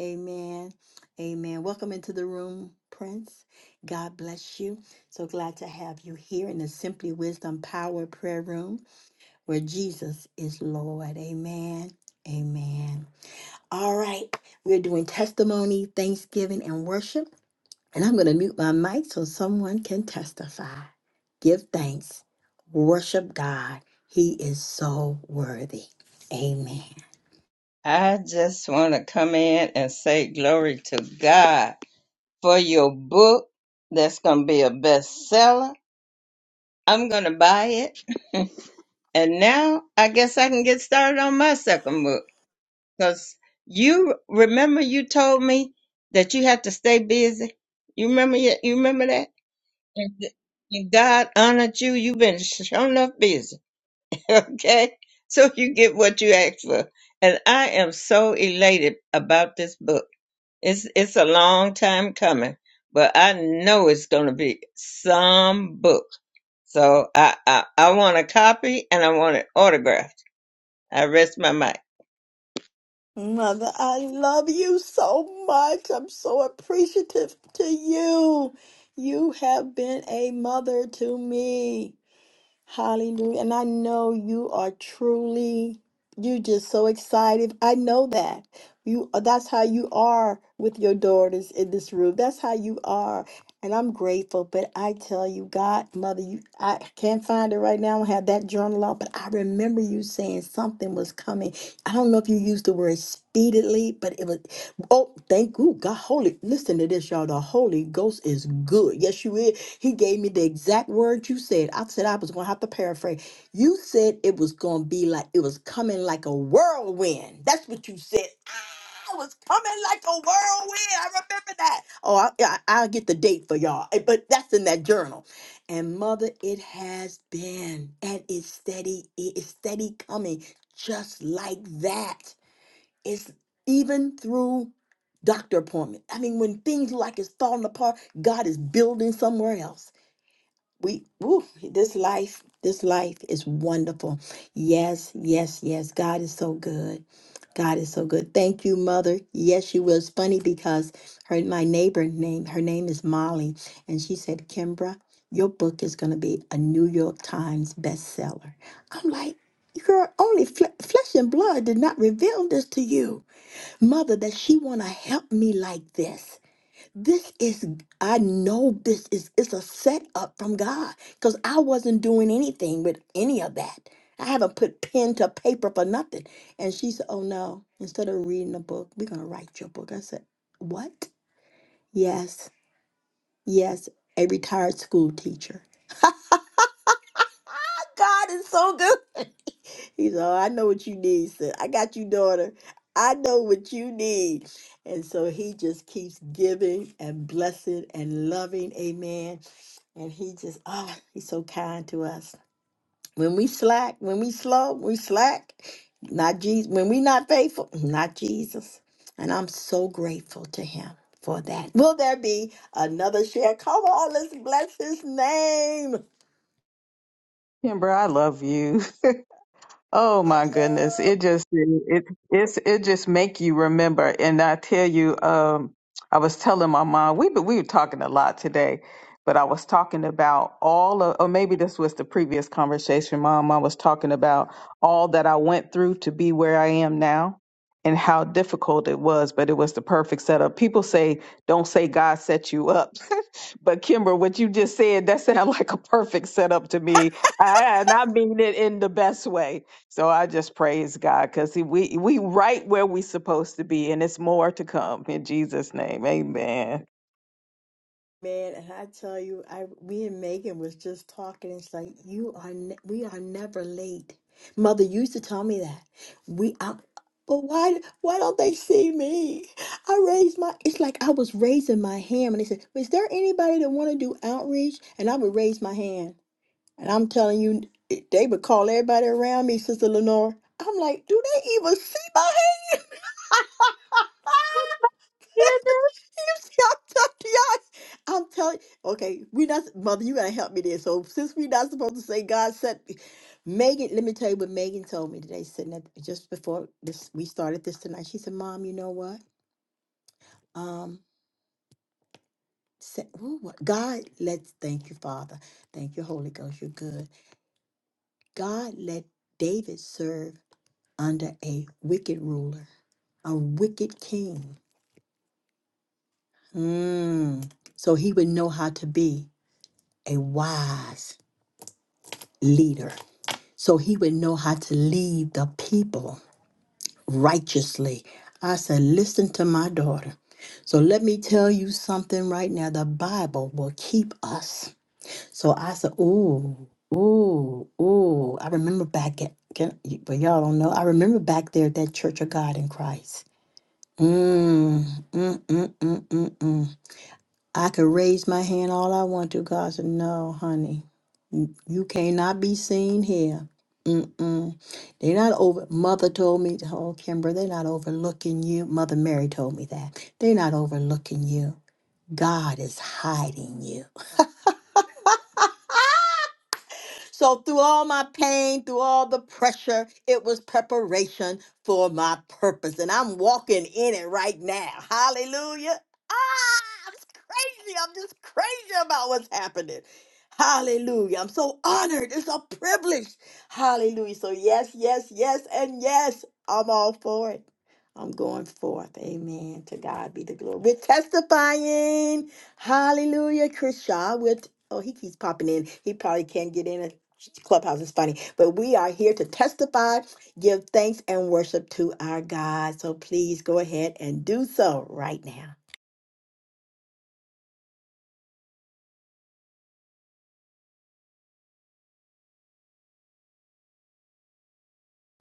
Amen. Amen. Welcome into the room, Prince. God bless you. So glad to have you here in the Simply Wisdom Power Prayer Room where Jesus is Lord. Amen. Amen. All right, we're doing testimony, thanksgiving, and worship. And I'm going to mute my mic so someone can testify. Give thanks, worship God. He is so worthy. Amen. I just want to come in and say glory to God for your book that's going to be a bestseller. I'm going to buy it And now I guess I can get started on my second book. Because you remember you told me that you had to stay busy. You remember y- you remember that? And th- and God honored you. You've been shown enough busy. Okay? So you get what you asked for. And I am so elated about this book. It's it's a long time coming, but I know it's gonna be some book. So I I, I want a copy and I want it autographed. I rest my mic. Mother, I love you so much. I'm so appreciative to you. You have been a mother to me. Hallelujah. And I know you are truly, you just so excited. I know that. You that's how you are with your daughters in this room. That's how you are. And I'm grateful. But I tell you, God, mother, you I can't find it right now. I don't have that journal out, but I remember you saying something was coming. I don't know if you used the word speedily, but it was oh, thank you, God. Holy listen to this, y'all. The Holy Ghost is good. Yes, you is. He gave me the exact word you said. I said I was going to have to paraphrase. You said it was going to be like, it was coming like a whirlwind. That's what you said. Ah, It was coming like a whirlwind. I remember that. Oh, I, yeah, I, I'll get the date for y'all, eh, but that's in that journal. And mother, it has been, and it's steady. It's steady coming, just like that. It's even through doctor appointment. I mean, when things look like it's falling apart, God is building somewhere else we woo, this life this life is wonderful yes yes yes god is so good god is so good thank you mother yes she was funny because her my neighbor name her name is molly and she said kimbra your book is going to be a new york times bestseller i'm like girl only fle- flesh and blood did not reveal this to you mother that she want to help me like this this is i know this is it's a setup from god because i wasn't doing anything with any of that i haven't put pen to paper for nothing and she said oh no instead of reading a book we're going to write your book i said what yes yes a retired school teacher god is so good he said oh, i know what you need sis. i got you daughter i know what you need and so he just keeps giving and blessing and loving amen And he just, ah, he's so kind to us. When we slack, when we slow, we slack. Not Jesus. When we not faithful, not Jesus. And I'm so grateful to him for that. Will there be another share? Come on, let's bless his name. Kimber, I love you. Oh my goodness. It just it it's it just make you remember. And I tell you, um, I was telling my mom, we we were talking a lot today, but I was talking about all of or maybe this was the previous conversation, Mom. I was talking about all that I went through to be where I am now and how difficult it was, but it was the perfect setup. People say, don't say God set you up. but Kimber, what you just said, that sounded like a perfect setup to me. I, and I mean it in the best way so I just praise God because we we right where we supposed to be, and it's more to come in Jesus' name. Amen. Man, and I tell you, I we and Megan was just talking. It's like you are, ne we are never late. Mother used to tell me that we. I, but why, why don't they see me? I raised my. It's like I was raising my hand, and they said, "Is there anybody that want to do outreach?" And I would raise my hand, and I'm telling you, it- they would call everybody around me, Sister Lenore. I'm like, do they even see my hand? I'm telling you, okay, we not mother, you gotta help me there. So since we're not supposed to say God sent me, Megan, let me tell you what Megan told me today, sitting at just before this we started this tonight. She said, Mom, you know what? Um sa- ooh, what- God let thank you, Father. Thank you, Holy Ghost, you're good. God let David serve under a wicked ruler, a wicked king. Mm. So he would know how to be a wise leader. so he would know how to lead the people righteously. I said, Listen to my daughter. So let me tell you something right now. The Bible will keep us. So I said, Ooh, ooh, ooh. I remember back at, can, but y'all don't know, I remember back there at that Church of God in Christ. Mm, mm, mm, mm, mm, mm. I could raise my hand all I want to. God said, No, honey. You cannot be seen here. Mm-mm. They're not over. Mother told me, oh, Kimber, they're not overlooking you. Mother Mary told me that. They're not overlooking you. God is hiding you. So, through all my pain, through all the pressure, it was preparation for my purpose. And I'm walking in it right now. Hallelujah. Ah, I'm crazy. I'm just crazy about what's happening. Hallelujah. I'm so honored. It's a privilege. Hallelujah. So, yes, yes, yes, and yes, I'm all for it. I'm going forth. Amen. To God be the glory. We're testifying. Hallelujah. Chris Shaw. we oh, he keeps popping in. He probably can't get in. Clubhouse is funny, but we are here to testify, give thanks, and worship to our God. So please go ahead and do so right now.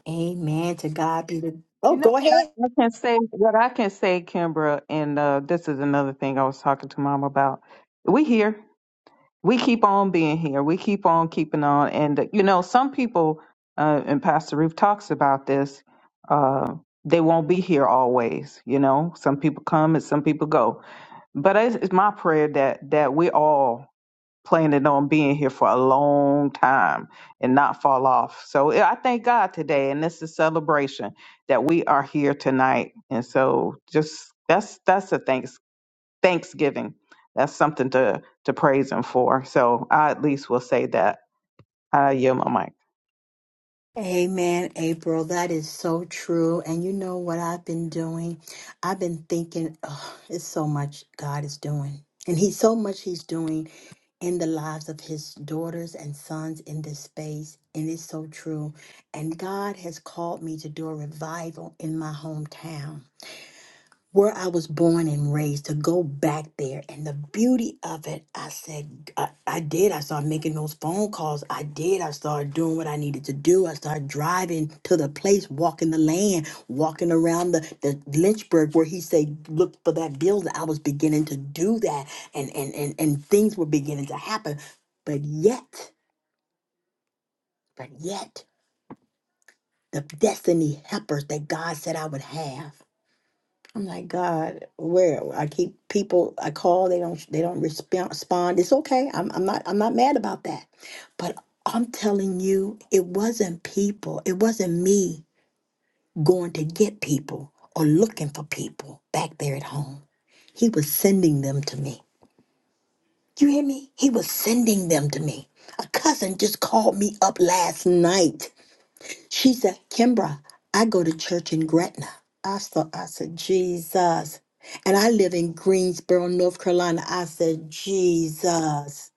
Amen. To God be the. Oh, You know, go ahead. I I can say what I can say, Kimbra, and uh, this is another thing I was talking to Mom about. We here, we keep on being here, we keep on keeping on, and uh, you know, some people uh, and Pastor Ruth talks about this. Uh, they won't be here always. You know, some people come and some people go, but it's, it's my prayer that that we all planning on being here for a long time and not fall off. So yeah, I thank God today, and this is celebration that we are here tonight. And so, just that's that's a thanks Thanksgiving. That's something to to praise Him for. So I at least will say that. I yield my mic. Amen, April. That is so true. And you know what I've been doing? I've been thinking, oh, it's so much God is doing. And he's so much he's doing in the lives of his daughters and sons in this space. And it's so true. And God has called me to do a revival in my hometown where I was born and raised to go back there and the beauty of it. I said, I, I did. I started making those phone calls. I did. I started doing what I needed to do. I started driving to the place, walking the land, walking around the, the Lynchburg where he said, look for that building. I was beginning to do that and, and, and, and things were beginning to happen. But yet, but yet, the destiny helpers that God said I would have. I'm like, God, where I keep people, I call, they don't, they don't respond. respond. It's okay. I'm, I'm not, I'm not mad about that. But I'm telling you, it wasn't people. It wasn't me going to get people or looking for people back there at home. He was sending them to me. You hear me? He was sending them to me. A cousin just called me up last night. She said, Kimbra, I go to church in Gretna. I saw, I said, Jesus. And I live in Greensboro, North Carolina. I said, Jesus.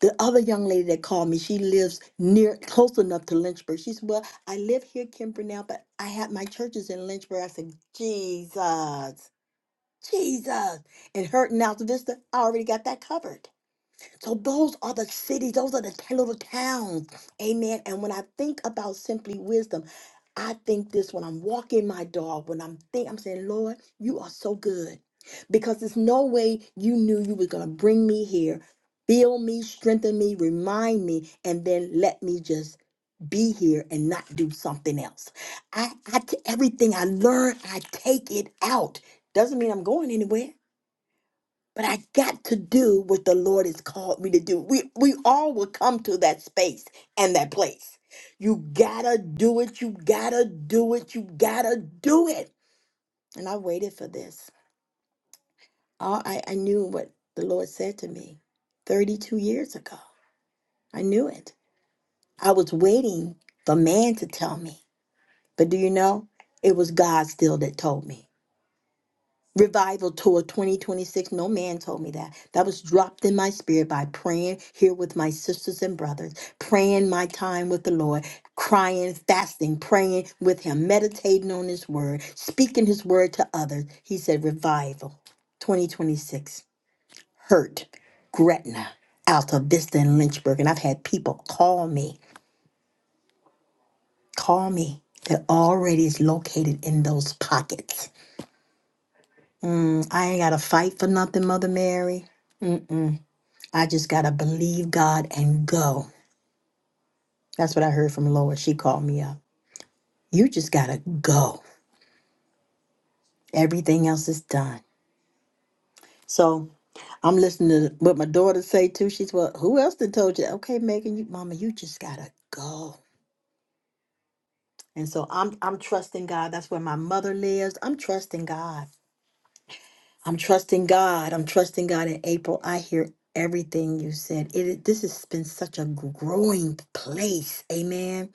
The other young lady that called me, she lives near, close enough to Lynchburg. She said, Well, I live here, Kimbra, now, but I have my churches in Lynchburg. I said, Jesus, Jesus. And her in Alta Vista, I already got that covered. So those are the cities, those are the t- little towns. Amen. And when I think about simply wisdom, I think this when I'm walking my dog, when I'm think I'm saying, Lord, you are so good. Because there's no way you knew you were gonna bring me here, build me, strengthen me, remind me, and then let me just be here and not do something else. I, I t- everything I learn, I take it out. Doesn't mean I'm going anywhere but I got to do what the Lord has called me to do. We we all will come to that space and that place. You gotta do it. You gotta do it. You gotta do it. And I waited for this. All I, I knew what the Lord said to me 32 years ago. I knew it. I was waiting for man to tell me. But do you know? It was God still that told me. Revival Tour 2026. No man told me that. That was dropped in my spirit by praying here with my sisters and brothers, praying my time with the Lord, crying, fasting, praying with Him, meditating on His word, speaking His word to others. He said, Revival 2026. Hurt, Gretna, Alta Vista, and Lynchburg. And I've had people call me, call me that already is located in those pockets. Mm, I ain't got to fight for nothing, Mother Mary. Mm mm. I just got to believe God and go. That's what I heard from Lois. She called me up. You just got to go. Everything else is done. So I'm listening to what my daughter say too. She's well, who else done told you? Okay, Megan, you, mama, you just got to go. And so I'm I'm trusting God. That's where my mother lives. I'm trusting God. I'm trusting God. I'm trusting God in April. I hear everything you said. It is- this has been such a growing place. Amen.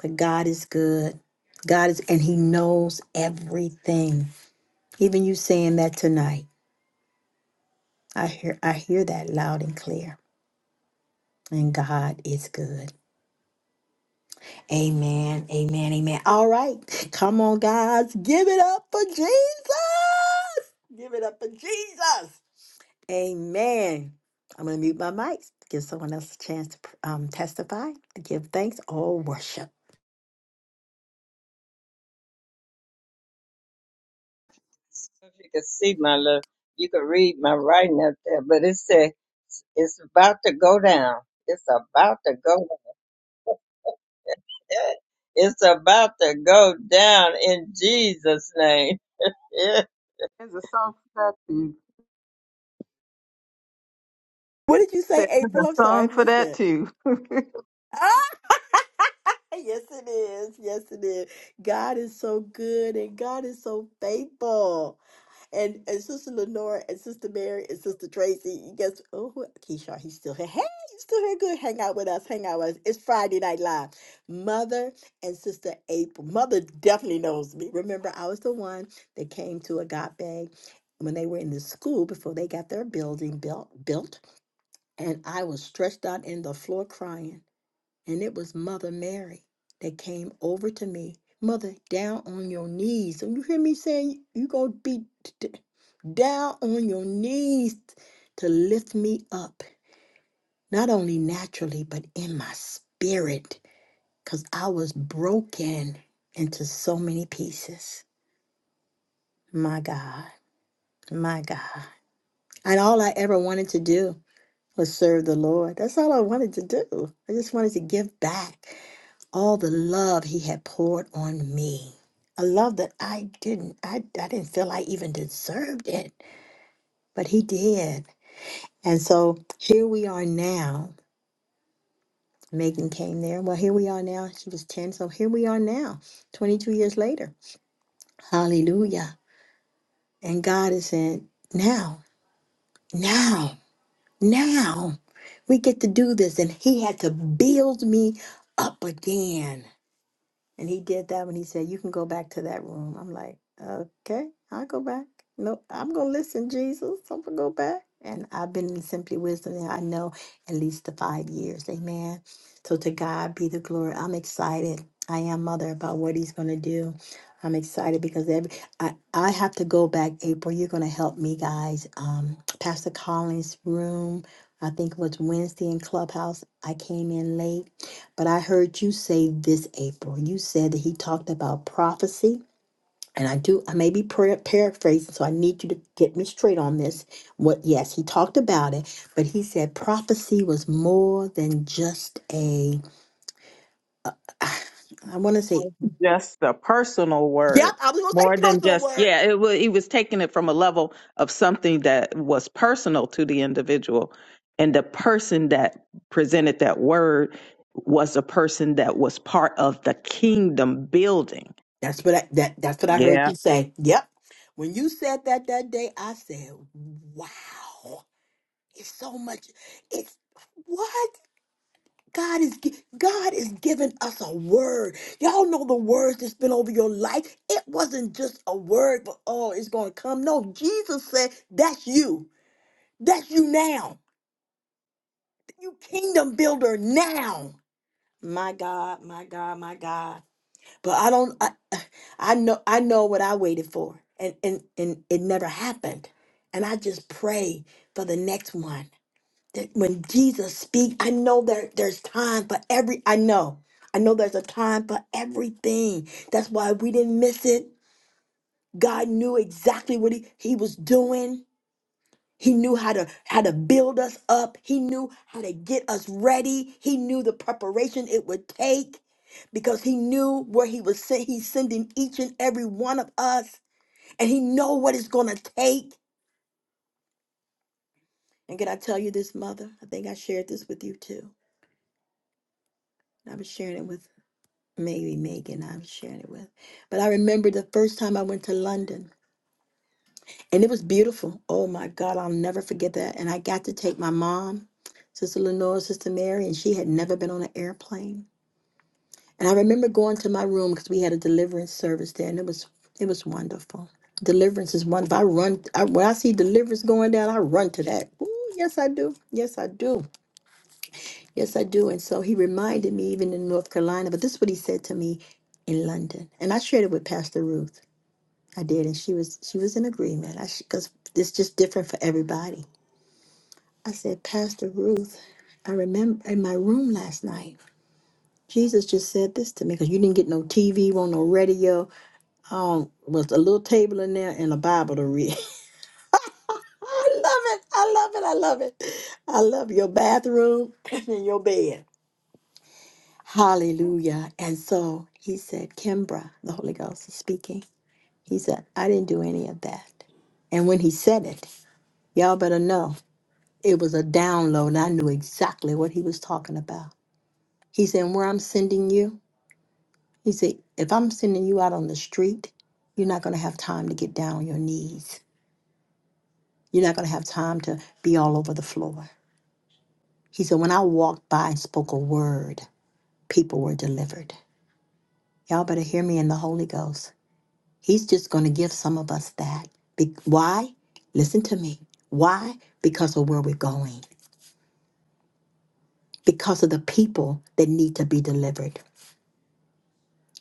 But God is good. God is and he knows everything. Even you saying that tonight. I hear I hear that loud and clear. And God is good. Amen. Amen. Amen. All right. Come on guys. Give it up for Jesus. Give it up for Jesus. Amen. I'm going to mute my mics, give someone else a chance to um, testify, to give thanks or worship. If you can see my little, you can read my writing up there, but it said it's about to go down. It's about to go. down. It's about to go down in Jesus' name. Yeah. There's a song for that too. What did you I say, said, There's April? a I'm sorry, I song for missed that it. too. Yes, it is. Yes, it is. God is so good and God is so faithful. And and Sister Lenore and Sister Mary and Sister Tracy, guess oh who- Keyshawn, he's still here. Hey, you still here? Good. Hang out with us. Hang out with us. It's Friday Night Live. Mother and Sister April. Mother definitely knows me. Remember, I was the one that came to Agape when they were in the school before they got their building built built. And I was stretched out in the floor crying and it was Mother Mary that came over to me. Mother, down on your knees. So you hear me saying you gonna be d- down on your knees to lift me up, not only naturally but in my spirit, cause I was broken into so many pieces. My God, my God, and all I ever wanted to do was serve the Lord. That's all I wanted to do. I just wanted to give back. all the love he had poured on me. A love that I didn't I, I didn't feel I even deserved it, but he did. And so here we are now. Megan came there. Well, here we are now. She was 10, so here we are now, 22 years later. Hallelujah. And God is saying, now, now, now, we get to do this. And He had to build me up again. And he did that when he said, You can go back to that room. I'm like, Okay, I'll go back. No, I'm going to listen, Jesus. I'm going to go back. And I've been in Simply Wisdom, and I know at least the five years. Amen. So to God be the glory. I'm excited. I am, Mother, about what He's going to do. I'm excited because every I, I have to go back. April, you're going to help me, guys. Um, Pastor Collins' room, I think it was Wednesday in Clubhouse. I came in late but I heard you say this, April. You said that he talked about prophecy, and I do. I may be par- paraphrasing, so I need you to get me straight on this. What? Yes, he talked about it, but he said prophecy was more than just a. I want to say. just the personal Yep, word I was gonna say more than personal just word. yeah it was he was taking it from a level of something that was personal to the individual and the person that presented that word was a person that was part of the kingdom building That's what I that that's what I heard yeah you say. Yep. When you said that that day, I said, "Wow, it's so much. It's what." God is gi- God is giving us a word. Y'all know the words that's been over your life. It wasn't just a word, but oh, it's gonna come. No, Jesus said, "That's you. That's you now. You kingdom builder now." My God, my God, my God. But I don't. I, I know. I know what I waited for, and and and it never happened. And I just pray for the next one that when Jesus speaks, I know there there's time for every I know. I know there's a time for everything. That's why we didn't miss it. God knew exactly what he, he was doing. He knew how to how to build us up. He knew how to get us ready. He knew the preparation it would take because he knew where he was sent. He's sending each and every one of us. And he know what it's gonna take. And can I tell you this, mother? I think I shared this with you too. I was sharing it with maybe Megan I'm sharing it with. But I remember the first time I went to London and it was beautiful. Oh my God, I'll never forget that. And I got to take my mom, Sister Lenore, Sister Mary, and she had never been on an airplane. And I remember going to my room because we had a deliverance service there and it was it was wonderful. Deliverance is wonderful. I run I, when I see deliverance going down, I run to that. Ooh, yes, I do. Yes, I do. Yes, I do. And so he reminded me even in North Carolina, but this is what he said to me in London. And I shared it with Pastor Ruth. I did, and she was she was in agreement. I because it's just different for everybody. I said, Pastor Ruth, I remember in my room last night, Jesus just said this to me because you didn't get no TV, won't no radio. Um, was a little table in there and a Bible to read. I love it. I love it. I love it. I love your bathroom and your bed. Hallelujah. And so he said, Kimbra, the Holy Ghost is speaking. He said, I didn't do any of that. And when he said it, y'all better know. It was a download, and I knew exactly what he was talking about. He said, Where I'm sending you, he said, If I'm sending you out on the street, you're not going to have time to get down on your knees. You're not going to have time to be all over the floor. He said, When I walked by and spoke a word, people were delivered. Y'all better hear me in the Holy Ghost. He's just going to give some of us that. Be- Why? Listen to me. Why? Because of where we're going, because of the people that need to be delivered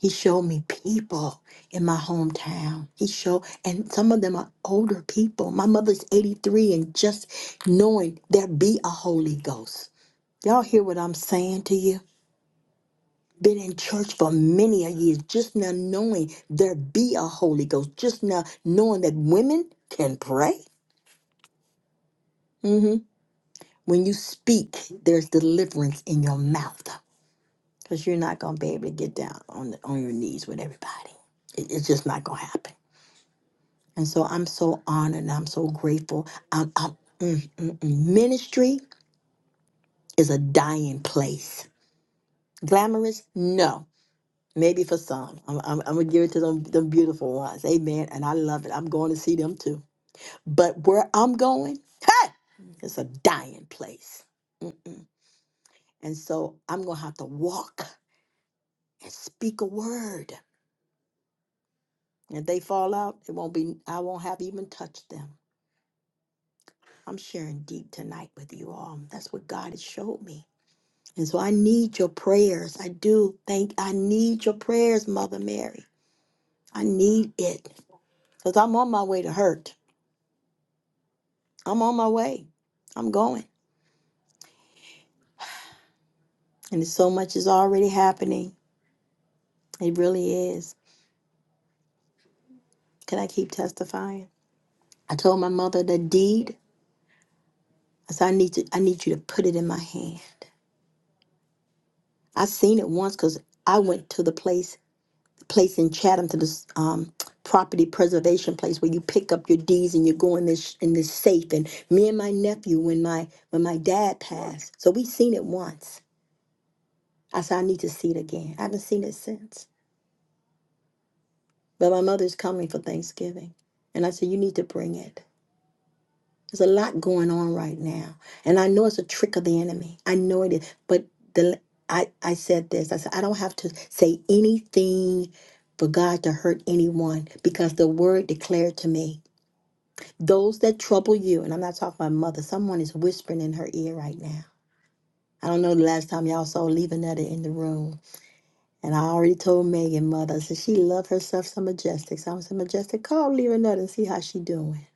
He showed me people in my hometown. He showed, and some of them are older people. My mother's 83, and just knowing there be a Holy Ghost. Y'all hear what I'm saying to you? Been in church for many a years, just now knowing there be a Holy Ghost, just now knowing that women can pray. hmm When you speak, there's deliverance in your mouth because you're not going to be able to get down on, on your knees with everybody. It- it's just not going to happen. And so I'm so honored and I'm so grateful. I'm, I'm, mm, mm, mm. Ministry is a dying place. Glamorous? No. Maybe for some. I'm, I'm, I'm going to give it to them, them beautiful ones. Amen. And I love it. I'm going to see them too. But where I'm going, hey, it's a dying place. Mm-mm. And so I'm going to have to walk and speak a word. If they fall out, it won't be, I won't have even touched them. I'm sharing deep tonight with you all. That's what God has showed me. And so I need your prayers. I do think I need your prayers, Mother Mary. I need it because I'm on my way to hurt. I'm on my way. I'm going. And so much is already happening. It really is. Can I keep testifying? I told my mother the deed. I said, I need to I need you to put it in my hand. I seen it once because I went to the place place in Chatham to this um, property preservation place where you pick up your deeds and you go in this in this safe. And me and my nephew, when my when my dad passed, so we seen it once. I said I need to see it again. I haven't seen it since. But my mother's coming for Thanksgiving, and I said you need to bring it. There's a lot going on right now, and I know it's a trick of the enemy. I know it is, but the I, I said this. I said I don't have to say anything for God to hurt anyone because the word declared to me Those that trouble you, and I'm not talking about mother, someone is whispering in her ear right now. I don't know the last time y'all saw Levanetta in the room. And I already told Megan, mother, I said she loved herself some Majestic. So I said, Majestic, call Levanetta and see how she doing.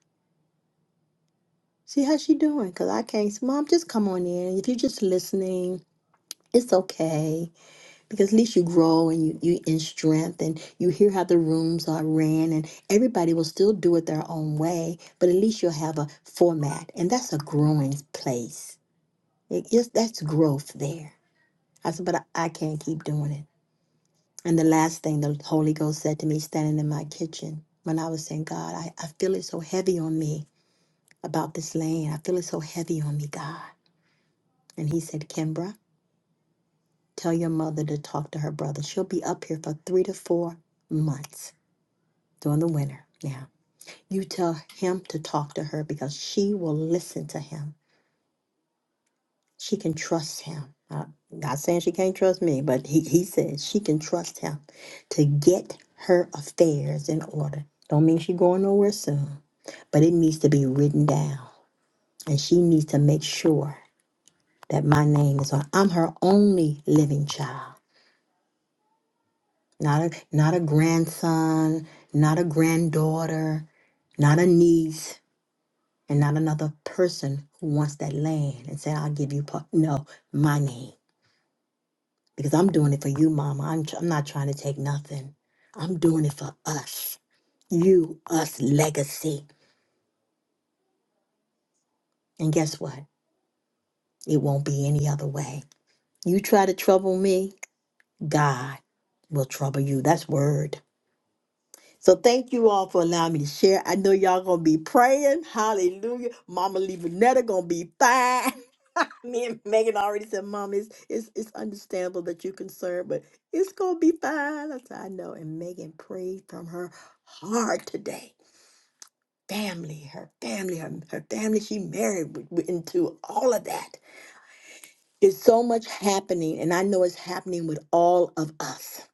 See how she doing. Because I can't, mom, just come on in. If you're just listening, it's okay. Because at least you grow and you, you in strength and you hear how the rooms are ran and everybody will still do it their own way. But at least you'll have a format. And that's a growing place It just that's growth there. I said, but I, I can't keep doing it. And the last thing the Holy Ghost said to me standing in my kitchen when I was saying, God, I, I feel it so heavy on me about this land. I feel it so heavy on me, God. And he said, Kimbra, tell your mother to talk to her brother. She'll be up here for three to four months during the winter. Now, you tell him to talk to her because she will listen to him. she can trust him. Uh, not saying she can't trust me, but he, he says she can trust him to get her affairs in order. Don't mean she going nowhere soon, but it needs to be written down. And she needs to make sure that my name is on. I'm her only living child. Not a not a grandson, not a granddaughter, not a niece, and not another person who wants that land and said, I'll give you part. No, my name. because I'm doing it for you, Mama. I'm tr- I'm not trying to take nothing. I'm doing it for us, you, us legacy. And guess what? It won't be any other way. You try to trouble me, God will trouble you. That's word. So thank you all for allowing me to share. I know y'all gonna be praying. Hallelujah. Mama Levinetta gonna be fine. Me and Megan already said, Mom, it's, it's, it's understandable that you're concerned, but it's going to be fine. I said, I know. And Megan prayed from her heart today. Family, her family, her, her family she married w- w- into all of that. It's so much happening, and I know it's happening with all of us.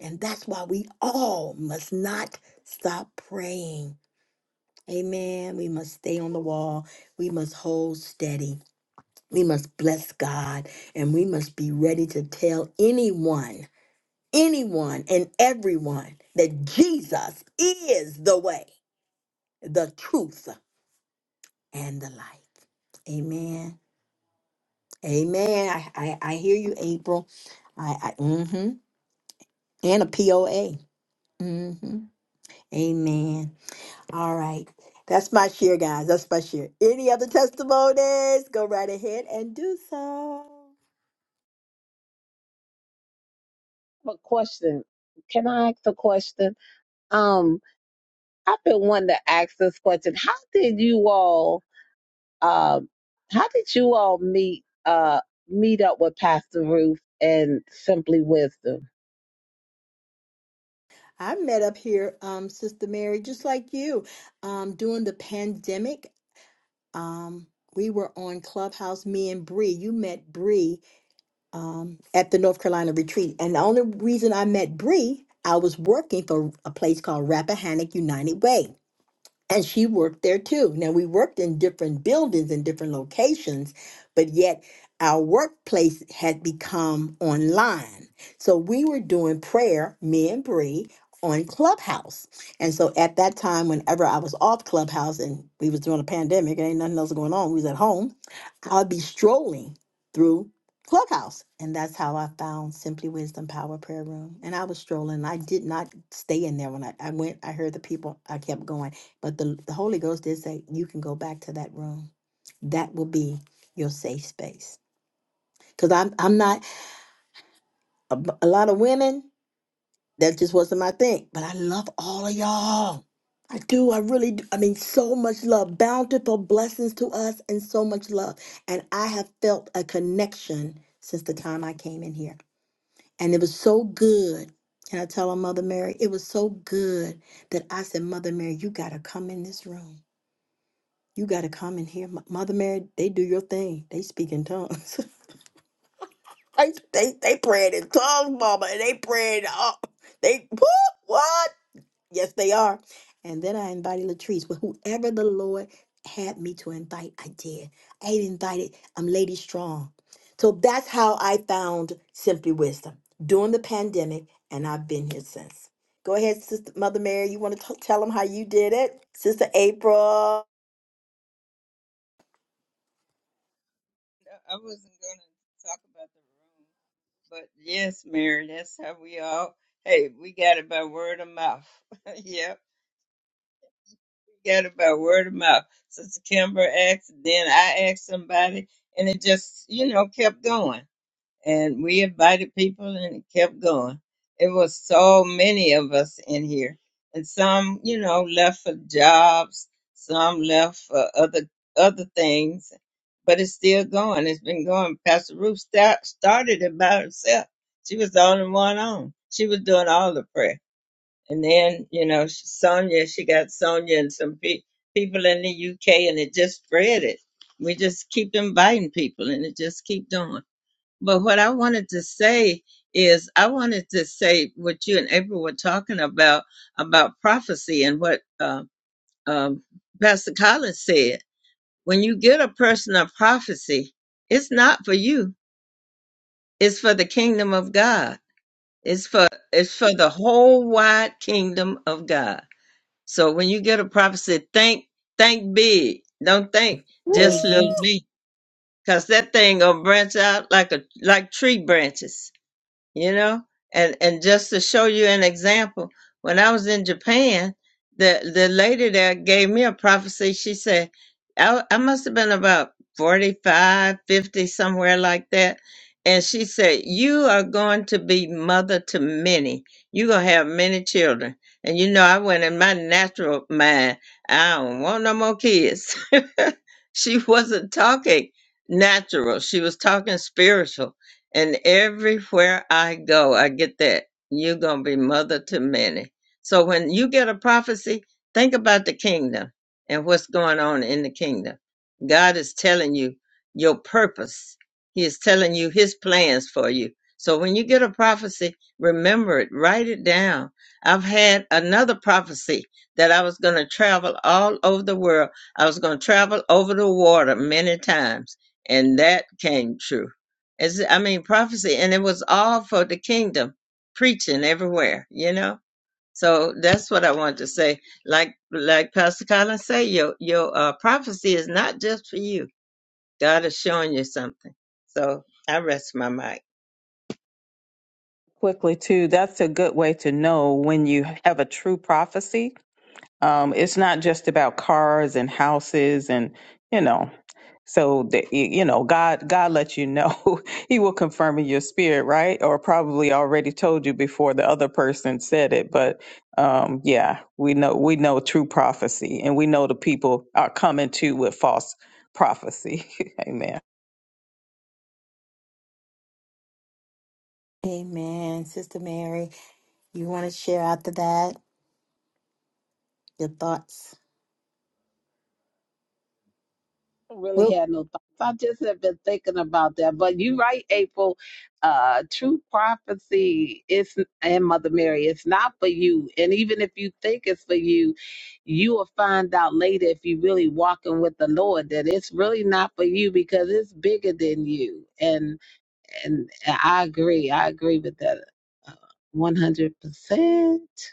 And that's why we all must not stop praying. Amen. We must stay on the wall. We must hold steady. We must bless God and we must be ready to tell anyone, anyone, and everyone that Jesus is the way, the truth, and the life. Amen. Amen. I, I, I hear you, April. I, I mm-hmm. And a POA. Mm-hmm. Amen. All right. That's my share, guys. That's my share. Any other testimonies? Go right ahead and do so. a question. Can I ask a question? Um, I've been wanting to ask this question. How did you all um how did you all meet uh meet up with Pastor Ruth and Simply Wisdom? I met up here, um, Sister Mary, just like you. Um, during the pandemic, um, we were on Clubhouse, me and Bree. You met Bree um, at the North Carolina retreat. And the only reason I met Bree, I was working for a place called Rappahannock United Way and she worked there too. Now we worked in different buildings and different locations, but yet our workplace had become online. So we were doing prayer, me and Bree, on Clubhouse. And so at that time, whenever I was off Clubhouse and we was doing a pandemic, and ain't nothing else going on, we was at home, I'd be strolling through Clubhouse. And that's how I found Simply Wisdom Power Prayer Room. And I was strolling. I did not stay in there when I, I went. I heard the people. I kept going. But the, the Holy Ghost did say, you can go back to that room. That will be your safe space. Because I'm, I'm not, a a lot of women, that just wasn't my thing. But I love all of y'all. I do. I really do. I mean, so much love, bountiful blessings to us, and so much love. And I have felt a connection since the time I came in here. And it was so good. And I tell her, Mother Mary, it was so good that I said, Mother Mary, you got to come in this room You got to come in here. M- Mother Mary, they do your thing. They speak in tongues. they, they, they praying in tongues, mama. And they praying, oh, they, woo, what? Yes, they are. And then I invited Latrice. But whoever the Lord had me to invite, I did. I ain't invited, I'm Lady Strong. So that's how I found Simply Wisdom during the pandemic. And I've been here since. Go ahead, Sister Mother Mary. You want to tell them how you did it? Sister April. I wasn't going to talk about the room, but yes, Mary, that's how we all. Hey, we got it by word of mouth. yep, we got it by word of mouth. Sister Kimber asked, then I asked somebody, and it just, you know, kept going. and we invited people and it kept going. It was so many of us in here, and some, you know, left for jobs, some left for other other things, but it's still going. It's been going. Pastor Ruth start, started it by herself. She was the only one on. She was doing all the prayer, and then you know, Sonia, she got Sonia and some pe- people in the UK, and it just spread it. We just keep inviting people, and it just keep doing. But what I wanted to say is, I wanted to say what you and April were talking about about prophecy and what uh, um, Pastor Collins said. When you get a person a prophecy, it's not for you; it's for the kingdom of God. It's for it's for the whole wide kingdom of God. So when you get a prophecy, think think big. Don't think just Woo! little me, cause that thing gonna branch out like a like tree branches you know and and just to show you an example when i was in japan the the lady there gave me a prophecy she said i, I must have been about 45, 50, somewhere like that and she said you are going to be mother to many you're going to have many children and you know i went in my natural mind i don't want no more kids she wasn't talking natural she was talking spiritual and everywhere I go, I get that. You're going to be mother to many. So when you get a prophecy, think about the kingdom and what's going on in the kingdom. God is telling you your purpose, He is telling you His plans for you. So when you get a prophecy, remember it, write it down. I've had another prophecy that I was going to travel all over the world. I was going to travel over the water many times, and that came true as I mean, prophecy, and it was all for the kingdom, preaching everywhere, you know. So that's what I wanted to say. Like like Pastor Collins say, your your uh, prophecy is not just for you. God is showing you something. So I rest my mic. quickly too that's a good way to know when you have a true prophecy um, it's not just about cars and houses and you know so that y- you know god god let you know he will confirm in your spirit right or probably already told you before the other person said it but um yeah we know we know true prophecy and we know the people are coming to with false prophecy amen Amen. Sister Mary, you want to share after that your thoughts? I really Well, had no thoughts. I just have been thinking about that. But you're right, April. Uh, true prophecy is, and Mother Mary, it's not for you. And even if you think it's for you, you will find out later if you really walking with the Lord that it's really not for you because it's bigger than you. And and I agree. I agree with that, uh, one hundred percent.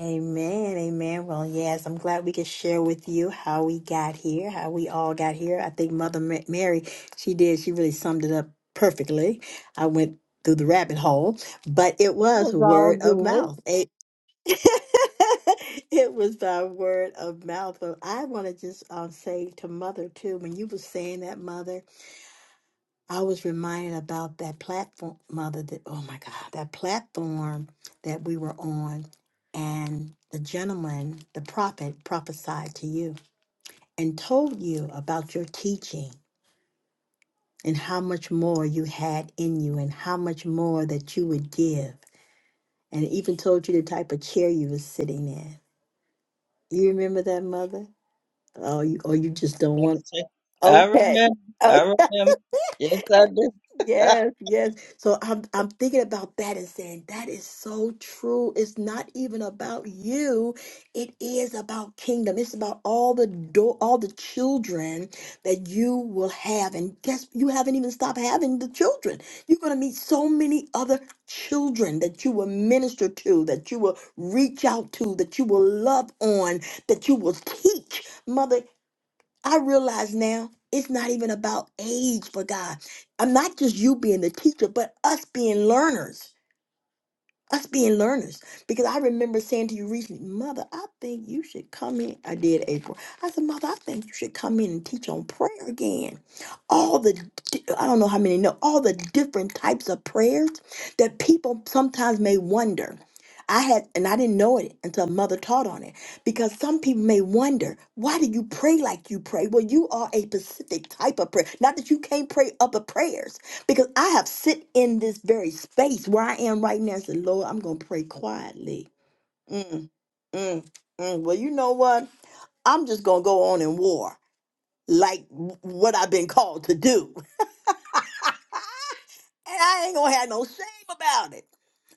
amen. Amen. Well, yes, I'm glad we could share with you how we got here, how we all got here. I think Mother Ma- Mary, she did, she really summed it up perfectly. I went through the rabbit hole, but it It was was all word of good. mouth. A- it was by word of mouth. But I want to just um, say to Mother, too, when you were saying that, Mother, I was reminded about that platform, Mother, that, oh my God, that platform that we were on. And the gentleman, the prophet, prophesied to you and told you about your teaching and how much more you had in you and how much more that you would give. And even told you the type of chair you were sitting in. You remember that, Mother? Oh, you, or you just don't want. That's it. I Okay. remember. I remember. Yes, I do. Yes, yes. So I'm I'm thinking about that and saying that is so true. It's not even about you. It is about kingdom. It's about all the do- all the children that you will have. And guess you haven't even stopped having the children. You're gonna meet so many other children that you will minister to, that you will reach out to, that you will love on, that you will teach. Mother I realize now it's not even about age for God. I'm not just you being the teacher, but us being learners us being learners. Because I remember saying to you recently, Mother, I think you should come in. I did, April. I said, Mother, I think you should come in and teach on prayer again. All the, di- I don't know how many know, all the different types of prayers that people sometimes may wonder. I had, and I didn't know it until Mother taught on it, because some people may wonder, why do you pray like you pray? Well, you are a specific type of prayer. Not that you can't pray other prayers, because I have sit in this very space where I am right now and said, Lord, I'm going to pray quietly. Mm, mm, mm. Well, you know what? I'm just going to go on in war like w- what I've been called to do. And I ain't going to have no shame about it.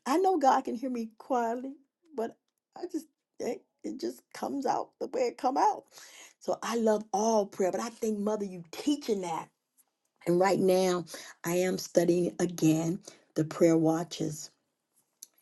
I know God can hear me quietly, but I just, it, it just comes out the way it come out. So I love all prayer, but I think, Mother, you teaching that. And right now, I am studying again the prayer watches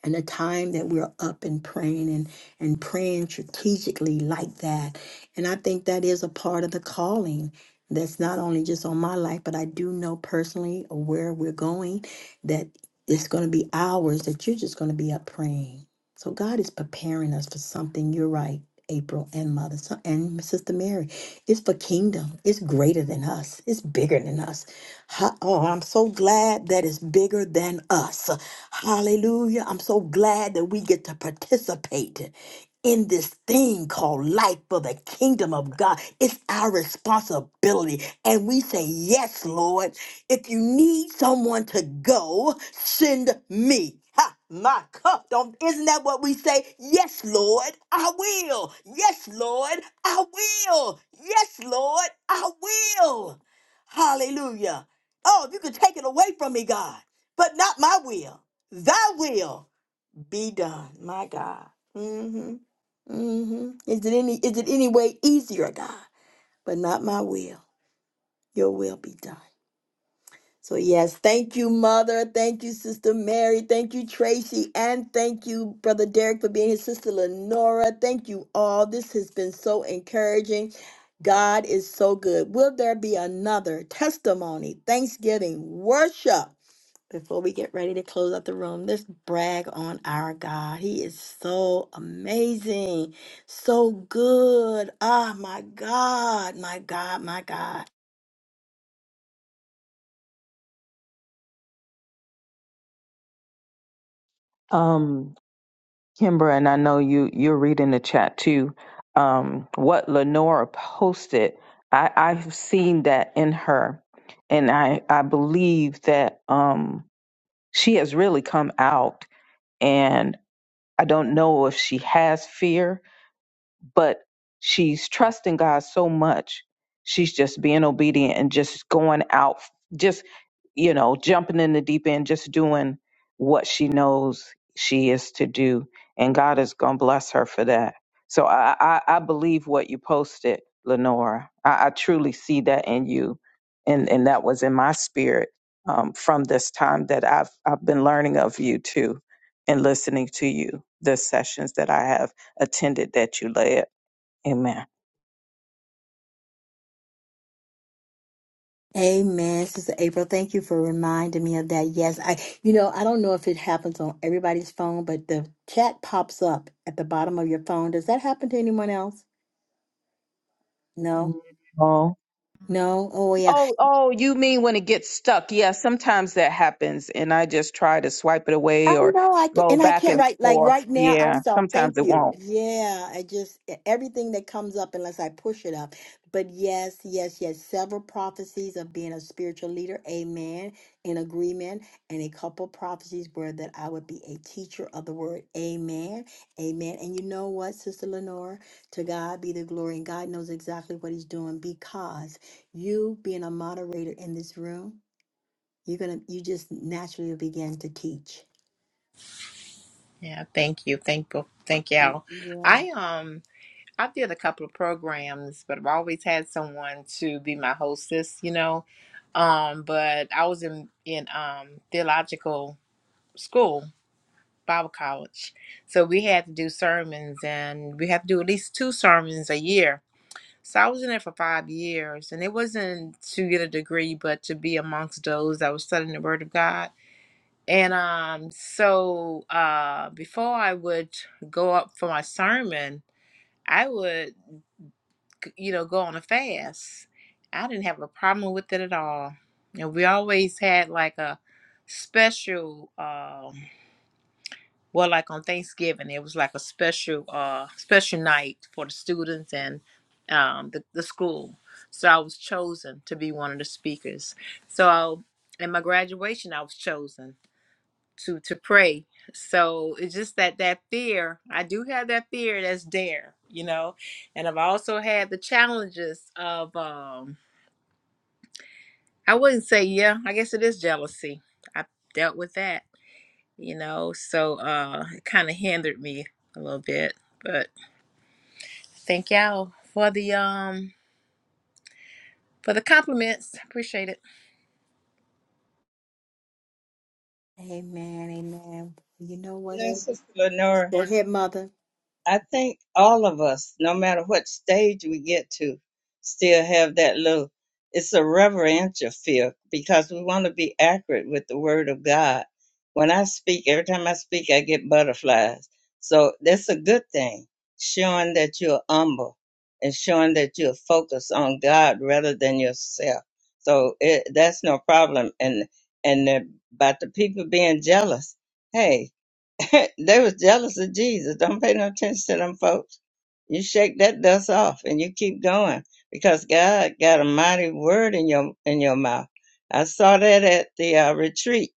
and the time that we're up and praying and, and praying strategically like that. And I think that is a part of the calling that's not only just on my life, but I do know personally where we're going that it's going to be hours that you're just going to be up praying. So God is preparing us for something. You're right. April and Mother so- and Sister Mary. It's for kingdom. It's greater than us. It's bigger than us. Ha- Oh, I'm so glad that it's bigger than us. Hallelujah. I'm so glad that we get to participate in this thing called life for the kingdom of God. It's our responsibility. And we say, Yes, Lord. If you need someone to go, send me. Ha, my cup. Don't, isn't that what we say? Yes, Lord, I will. Yes, Lord, I will. Yes, Lord, I will. Hallelujah. Oh, if you could take it away from me, God, but not my will. Thy will be done, my God. Mm-hmm. Mm-hmm. Is it any is it any way easier, God? But not my will. Your will be done. So yes, thank you, Mother. Thank you, Sister Mary. Thank you, Tracy, and thank you, Brother Derek, for being his sister Lenora. Thank you all. This has been so encouraging. God is so good. Will there be another testimony, Thanksgiving, worship? before we get ready to close out the room, let's brag on our God. He is so amazing, so good. Ah, my God, my God, my God. um kimbra and i know you you're reading the chat too um what lenora posted i i've seen that in her and i i believe that um she has really come out and I don't know if she has fear but she's trusting God so much. She's just being obedient and just going out, just, you know, jumping in the deep end, just doing what she knows she is to do. And God is going to bless her for that. So I, I, I believe what you posted, Lenora. I, I truly see that in you. And, and that was in my spirit um, from this time that I've, I've been learning of you too and listening to you, the sessions that I have attended that you led. Amen. Amen, Sister April. Thank you for reminding me of that. Yes, I, you know, I don't know if it happens on everybody's phone, but the chat pops up at the bottom of your phone. Does that happen to anyone else? No, No. no. Oh, yeah. Oh, oh, you mean when it gets stuck? Yeah, sometimes that happens, and I just try to swipe it I away or know I can, go and I back can't and write like forth. right now I Yeah, saw thank sometimes it you. won't. Yeah, I just e, everything that comes up unless I push it up. But yes, yes, yes, several prophecies of being a spiritual leader, amen, in agreement, and a couple prophecies were that I would be a teacher of the word, amen, amen. And you know what, Sister Lenora? to God be the glory, and God knows exactly what He's doing because you being a moderator in this room, you're gonna you just naturally begin to teach. Yeah, thank you. Thank bo- thank y'all. Yeah. I um I did a couple of programs, but I've always had someone to be my hostess, you know. Um, but I was in in um, theological school, Bible college, so we had to do sermons, and we had to do at least two sermons a year. So I was in there for five years, and it wasn't to get a degree, but to be amongst those that was studying the Word of God. And um, so uh, before I would go up for my sermon, I would. you know, go on a fast. I didn't have a problem with it at all. And we always had like a special, um, well, like on Thanksgiving, it was like a special, uh, special night for the students and um, the, the school. So I was chosen to be one of the speakers. So in my graduation, I was chosen to to pray so it's just that that fear i do have that fear that's there you know and i've also had the challenges of um i wouldn't say yeah i guess it is jealousy i dealt with that you know so uh it kind of hindered me a little bit but thank y'all for the um for the compliments appreciate it Amen. Amen. You know what? sis- Yes, Sister Lenora. Go ahead, mother. I think all of us, no matter what stage we get to, still have that little, it's a reverential fear because we want to be accurate with the word of God. When I speak, every time I speak, I get butterflies. So that's a good thing, showing that you're humble and showing that you're focused on God rather than yourself. So it, that's no problem. And, and about the people being jealous, hey, they was jealous of Jesus. Don't pay no attention to them folks. You shake that dust off and you keep going because God got a mighty word in your in your mouth. I saw that at the uh, retreat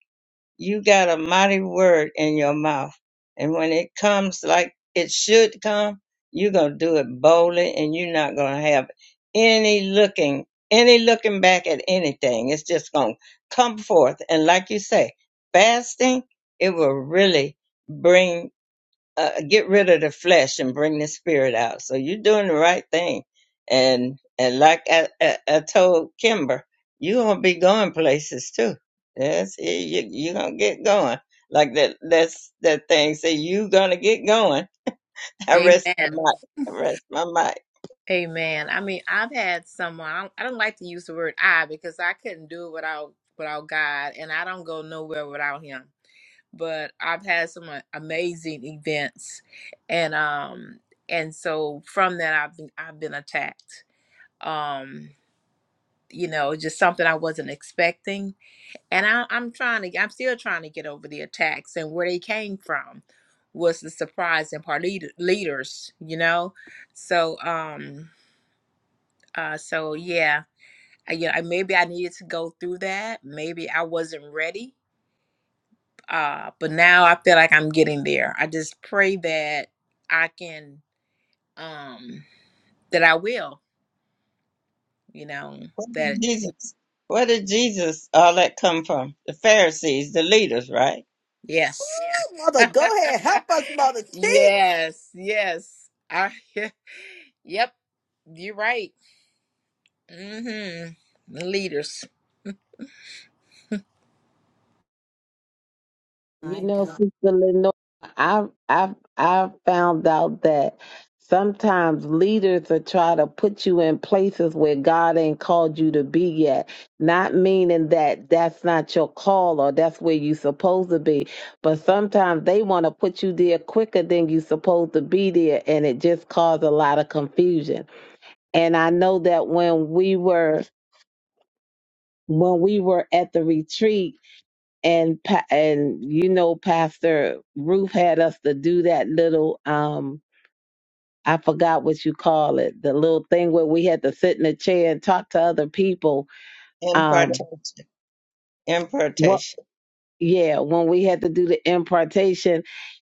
you got a mighty word in your mouth. And when it comes like it should come, you're going to do it boldly and you're not going to have any looking, any looking back at anything. It's just going to come forth. And like you say, fasting, it will really bring uh, get rid of the flesh and bring the spirit out. So you're doing the right thing. And and like I, I, I told Kimber, you're gonna be going places too. Yes, you you're gonna get going. Like that that's that thing. Say you gonna get going. I rest my amen mic. I rest my mic. Amen. I mean, I've had someone. I don't, I don't like to use the word "I" because I couldn't do it without without God, and I don't go nowhere without Him. But I've had some a- amazing events, and um, and so from that, I've been I've been attacked. Um, you know, just something I wasn't expecting, and I, I'm trying to. I'm still trying to get over the attacks and where they came from. Was the surprise and part leader, leaders, you know? So, um, uh, so yeah, I, you know, I- maybe I needed to go through that. Maybe I wasn't ready. Uh, but now I feel like I'm getting there. I just pray that I can, um, that I will, you know, Where that did Jesus where did Jesus all that come from? The Pharisees, the leaders, right? yes. Mother, go ahead. Help us, Mother. Teach. yes, yes. I, yep, you're right. Mm-hmm. Leaders. You My know, God. Sister Lenore, I I I found out that sometimes leaders are try to put you in places where God ain't called you to be yet. Not meaning that that's not your call or that's where you supposed to be, but sometimes they want to put you there quicker than you supposed to be there, and it just caused a lot of confusion. And I know that when we were when we were at the retreat and pa- and you know pastor ruth had us to do that little um i forgot what you call it the little thing where we had to sit in a chair and talk to other people um Impartation. what Impartation. yeah when we had to do the impartation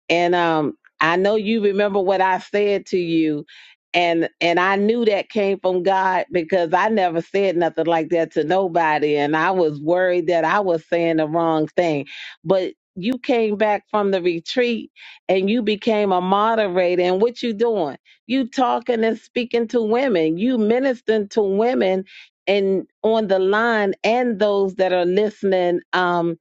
and um I know you remember what I said to you and and I knew that came from God because I never said nothing like that to nobody and I was worried that I was saying the wrong thing but you came back from the retreat and you became a moderator and what you doing you talking and speaking to women you ministering to women and on the line and those that are listening Um,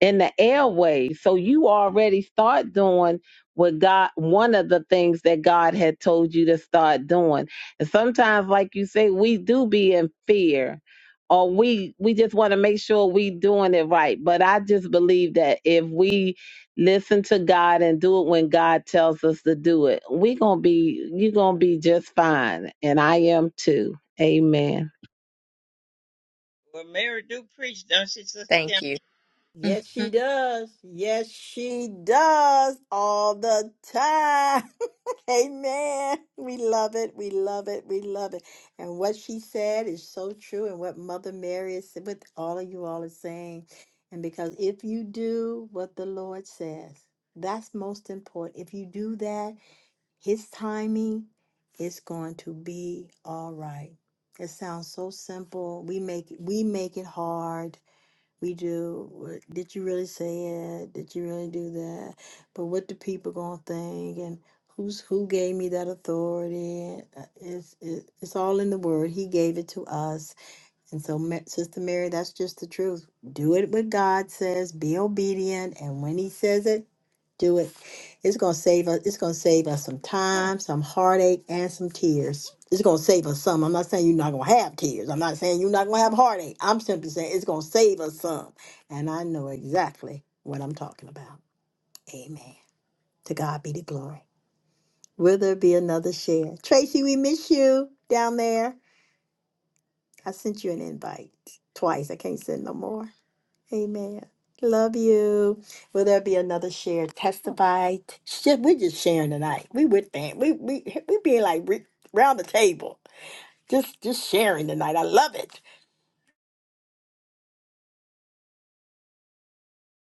in the airways. So you already start doing what God, one of the things that God had told you to start doing. And sometimes, like you say, we do be in fear or we, we just want to make sure we doing it right. But I just believe that if we listen to God and do it when God tells us to do it, we going to be, you going to be just fine. And I am too. Amen. Well Mary do preach, don't she, Sister Kim? Thank you. Yes, she does. Yes, she does all the time. Amen. We love it. We love it. We love it. And what she said is so true. And what Mother Mary is, what all of you all are saying. And because if you do what the Lord says, that's most important. If you do that, His timing is going to be all right. It sounds so simple. We make we make it hard. We do. uh, Did you really say it? Did you really do that? But what do people gonna think? And who's who gave me that authority? Uh, It's it, it's all in the word. He gave it to us. And so, Ma- Sister Mary, that's just the truth. Do it what God says. Be obedient, and when He says it, do it. It's gonna save us. It's gonna save us some time, some heartache, and some tears. It's gonna save us some. I'm not saying you're not gonna have tears. I'm not saying you're not gonna have heartache. I'm simply saying it's gonna save us some. And I know exactly what I'm talking about. Amen. To God be the glory. Will there be another share? Tracy, we miss you down there. I sent you an invite twice. I can't send no more. Amen. Love you. Will there be another share? Testify. T- shit, We're just sharing tonight. We with fam. We we we being like re- round the table, just just sharing tonight. I love it.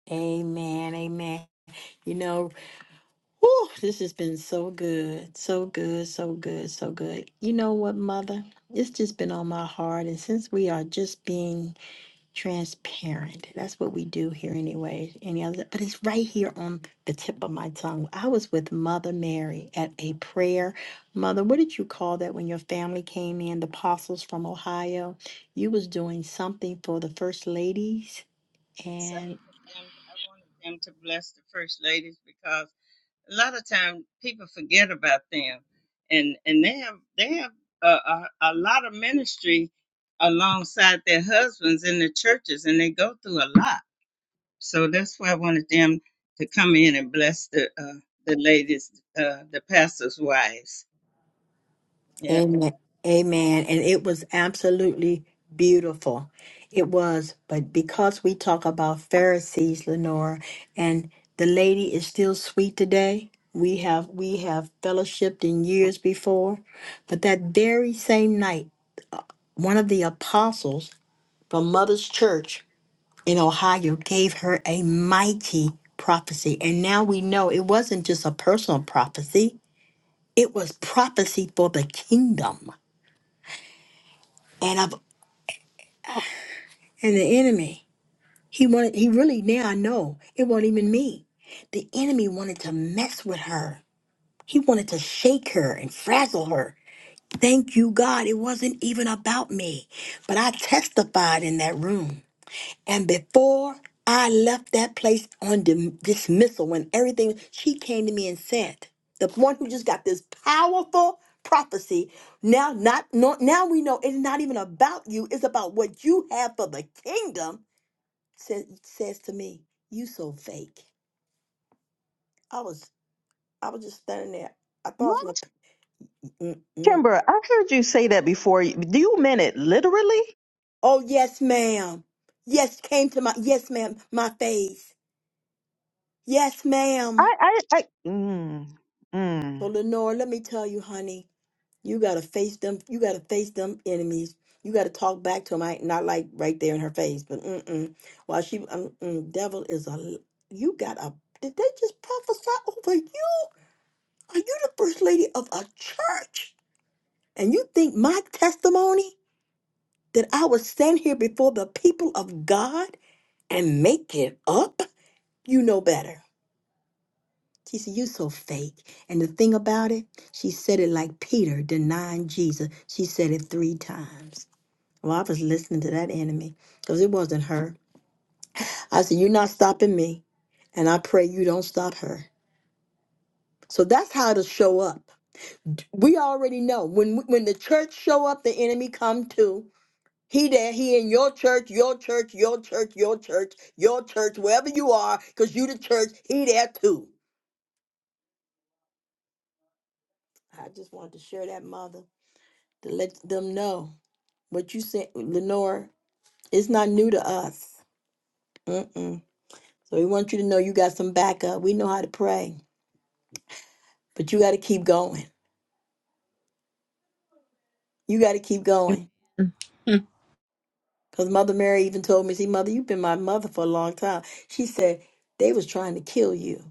Amen. Amen. You know, whew, this has been so good, so good, so good, so good. You know what, Mother? It's just been on my heart, and since we are just being transparent. That's what we do here anyway. Any other but it's right here on the tip of my tongue. I was with Mother Mary at a prayer. Mother, what did you call that when your family came in, the apostles from Ohio? You was doing something for the first ladies. So and. them, I wanted them to bless the first ladies because a lot of time people forget about them, and and they have they have a, a, a lot of ministry alongside their husbands in the churches, and they go through a lot. So that's why I wanted them to come in and bless the uh, the ladies, uh, the pastors' wives. Yeah, Amen. Amen. And it was absolutely beautiful. It was, but because we talk about Pharisees, Lenora, and the lady is still sweet today. We have we have fellowshipped in years before, but that very same night, one of the apostles from Mother's Church in Ohio gave her a mighty prophecy. And now we know it wasn't just a personal prophecy, it was prophecy for the kingdom. and the enemy he wanted he really now i know it wasn't even me the enemy wanted to mess with her he wanted to shake her and frazzle her thank you god it wasn't even about me but i testified in that room and before i left that place on dim- dismissal when everything she came to me and said the one who just got this powerful prophecy now not, not now we know it's not even about you it's about what you have for the kingdom says says to me, "You so fake." I was I was just standing there. I thought I What? was gonna. Mm-mm. Kimber, I heard you say that before. Do you mean it literally? Oh yes, ma'am. Yes, came to my yes, ma'am. My face. Yes, ma'am. I, I, I. Mm, mm. So Lenore, let me tell you, honey, you gotta face them. You gotta face them enemies. You gotta talk back to them. I not like right there in her face, but mm-mm. While she, mm-mm, devil is a. l- You got a. Did they just prophesy over you? Are you the first lady of a church? And you think my testimony that I would stand here before the people of God and make it up? You know better. She said, You so fake. And the thing about it, she said it like Peter denying Jesus. She said it three times. Well, I was listening to that enemy because it wasn't her. I said, You're not stopping me. And I pray you don't stop her. So that's how to show up. We already know when when the church show up, the enemy come too. He there, he in your church, your church, your church, your church, your church, wherever you are, because you the church, he there too. I just wanted to share that, mother, to let them know what you said, Lenore, it's not new to us. Mm-mm. So we want you to know you got some backup. We know how to pray, but you got to keep going. You got to keep going. Because Mother Mary even told me, see, Mother, you've been my mother for a long time. She said, they was trying to kill you.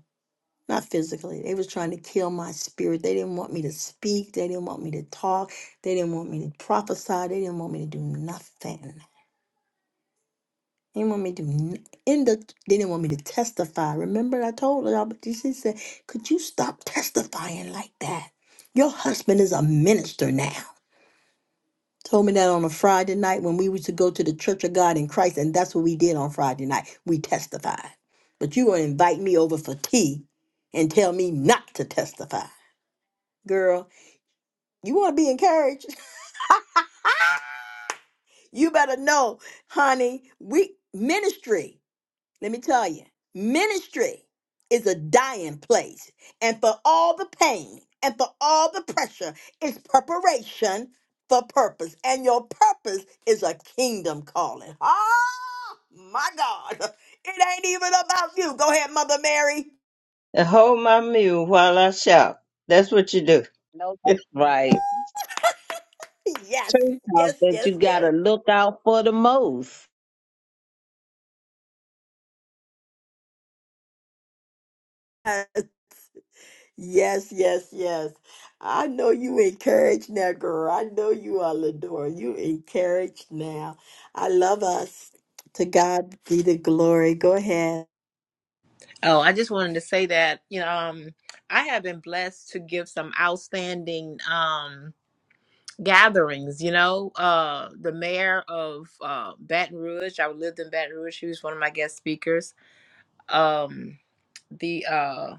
not physically. They was trying to kill my spirit. They didn't want me to speak. They didn't want me to talk. They didn't want me to prophesy. They didn't want me to do nothing. They didn't want me to do n- in the. They didn't want me to testify. Remember, I told y'all, but she said, "Could you stop testifying like that? Your husband is a minister now." Told me that on a Friday night when we was to go to the Church of God in Christ, and that's what we did on Friday night. We testified. But you gonna invite me over for tea and tell me not to testify? girl You want to be encouraged? You better know, honey, we ministry, let me tell you, ministry is a dying place. And for all the pain and for all the pressure, it's preparation for purpose. And your purpose is a kingdom calling. Oh, my God. It ain't even about you. Go ahead, Mother Mary. and hold my mule while I shout. That's what you do. No, that's right. Yes, Church house yes, that you got to yes, look out for the most. yes. Yes, yes, yes. I know you encouraged now, girl. I know you are Ladora. You encouraged now. I love us. To God be the glory. Go ahead. Oh, I just wanted to say that, you know, um, I have been blessed to give some outstanding um, gatherings, you know. Uh, the mayor of uh, Baton Rouge, I lived in Baton Rouge, she was one of my guest speakers. Um, the, uh,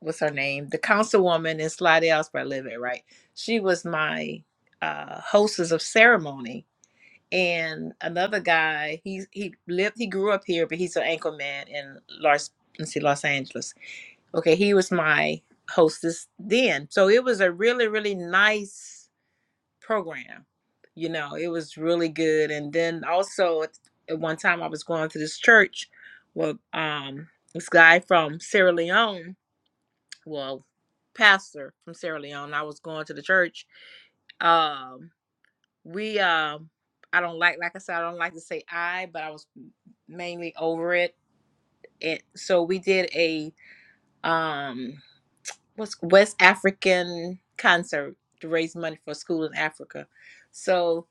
what's her name? The councilwoman in Slidell, where I live at, right? She was my uh, hostess of ceremony. And another guy, he he lived, he grew up here, but he's an anchor man in Los, let's see, Los Angeles Okay, he was my hostess then. So it was a really, really nice program. You know, it was really good. And then also at at one time I was going to this church where um this guy from Sierra Leone, well, pastor from Sierra Leone, I was going to the church. Um we um I don't like like I said, I don't like to say I, but I was mainly over it. It so we did a um what's West African concert to raise money for a school in Africa. So,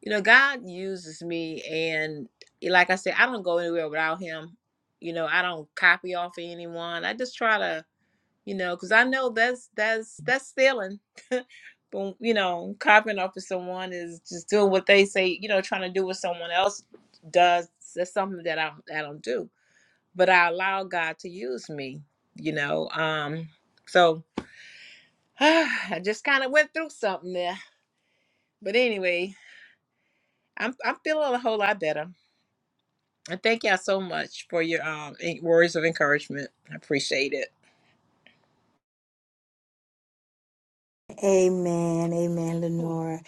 you know, God uses me and like I said, I don't go anywhere without him. You know, I don't copy off of anyone. I just try to, you know, cuz I know that's that's that's stealing. but you know, copying off of someone is just doing what they say, you know, trying to do what someone else does. That's something that I I don't do. But I allow God to use me, you know. Um so I just kind of went through something there. But anyway, I'm I'm feeling a whole lot better. And thank y'all so much for your um en- words of encouragement. I appreciate it. Amen. Amen, Lenora.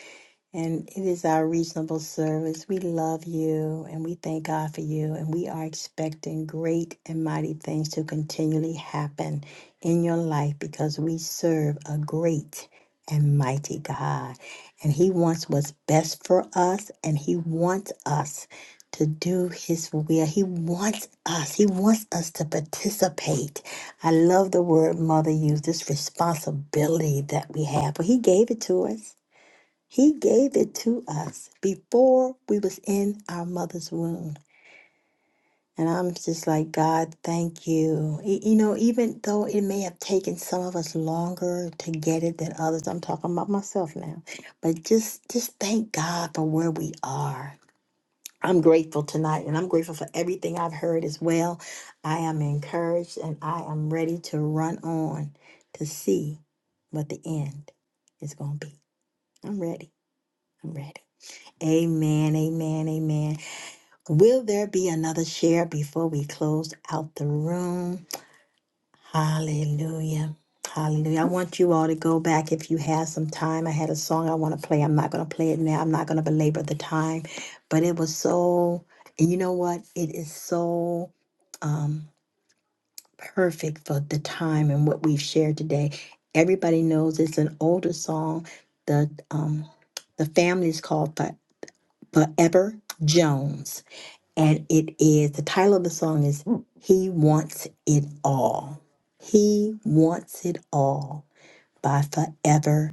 And it is our reasonable service. We love you and we thank God for you. And we are expecting great and mighty things to continually happen in your life because we serve a great and mighty God. And He wants what's best for us and He wants us to do His will. He wants us, He wants us to participate. I love the word Mother used this responsibility that we have, but He gave it to us. He gave it to us before we was in our mother's womb. And I'm just like, God, thank you. E- You know, even though it may have taken some of us longer to get it than others, I'm talking about myself now. But just just thank God for where we are. I'm grateful tonight and I'm grateful for everything I've heard as well. I am encouraged and I am ready to run on to see what the end is going to be. I'm ready. I'm ready. Amen, amen, amen. Will there be another share before we close out the room? Hallelujah. Hallelujah. I want you all to go back if you have some time. I had a song I want to play. I'm not going to play it now. I'm not going to belabor the time, but it was so, and you know what? It is so um, perfect for the time and what we've shared today. Everybody knows it's an older song. The um, the family is called Fo- Forever Jones And it is the title of the song is He Wants It All. He Wants It All by Forever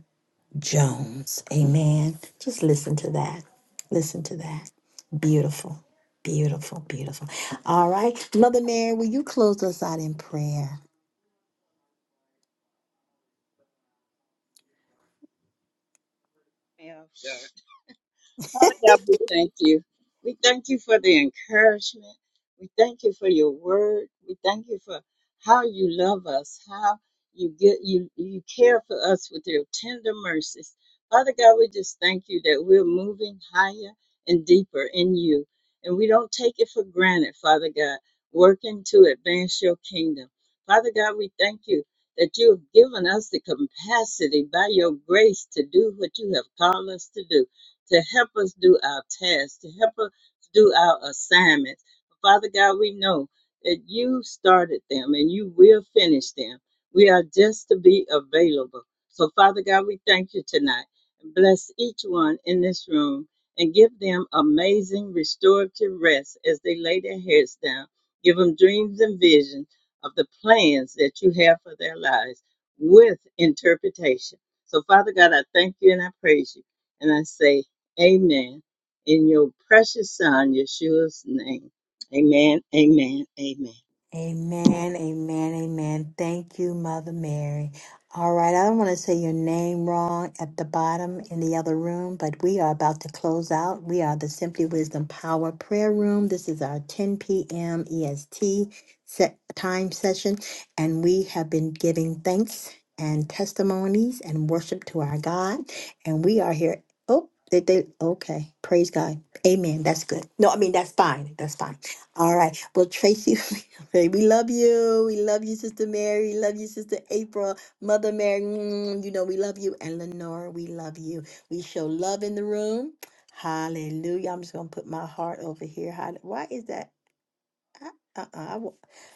Jones. Amen. Just listen to that. Listen to that. Beautiful. Beautiful. Beautiful. All right. Mother Mary, will you close us out in prayer? Yeah. sure. Father God, we thank you. We thank you for the encouragement. We thank you for your word. We thank you for how you love us, how you get you you care for us with your tender mercies. Father God, we just thank you that we're moving higher and deeper in you. And we don't take it for granted, Father God, working to advance your kingdom. Father God, we thank you that you have given us the capacity by your grace to do what you have called us to do to help us do our tasks, to help us do our assignments. Father God, we know that you started them and you will finish them. We are just to be available. So, Father God, we thank you tonight. Bless each one in this room and give them amazing restorative rest as they lay their heads down. Give them dreams and visions of the plans that you have for their lives with interpretation. So, Father God, I thank you and I praise you. And I say, Amen. In your precious son, Yeshua's name. Amen. Amen. Amen. Amen, amen, amen. Thank you, Mother Mary. All right, I don't want to say your name wrong at the bottom in the other room, but we are about to close out. We are the Simply Wisdom Power Prayer Room. This is our 10 p.m. EST set time session, and we have been giving thanks and testimonies and worship to our God, and we are here. Oh, they, they okay. Praise God. Amen. That's good. No, I mean that's fine. That's fine. All right. Well, Tracy, Hey, we love you. We love you, Sister Mary. Love you, Sister April. Mother Mary, mm, you know we love you. And Lenora, we love you. We show love in the room. Hallelujah. I'm just going to put my heart over here. Hall- Why is that? I- Uh-uh. I wa-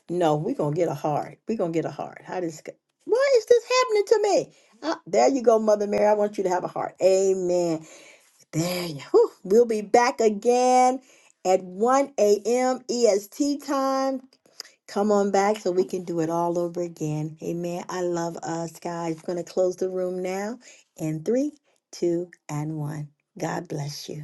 no, we're going to get a heart. We're going to get a heart. How does... Why is this happening to me? Uh, there you go, Mother Mary. I want you to have a heart. Amen. There you whew. We'll be back again at 1 a.m. EST time. Come on back so we can do it all over again. Amen. I love us, guys. We're going to close the room now in three, two, and one. God bless you.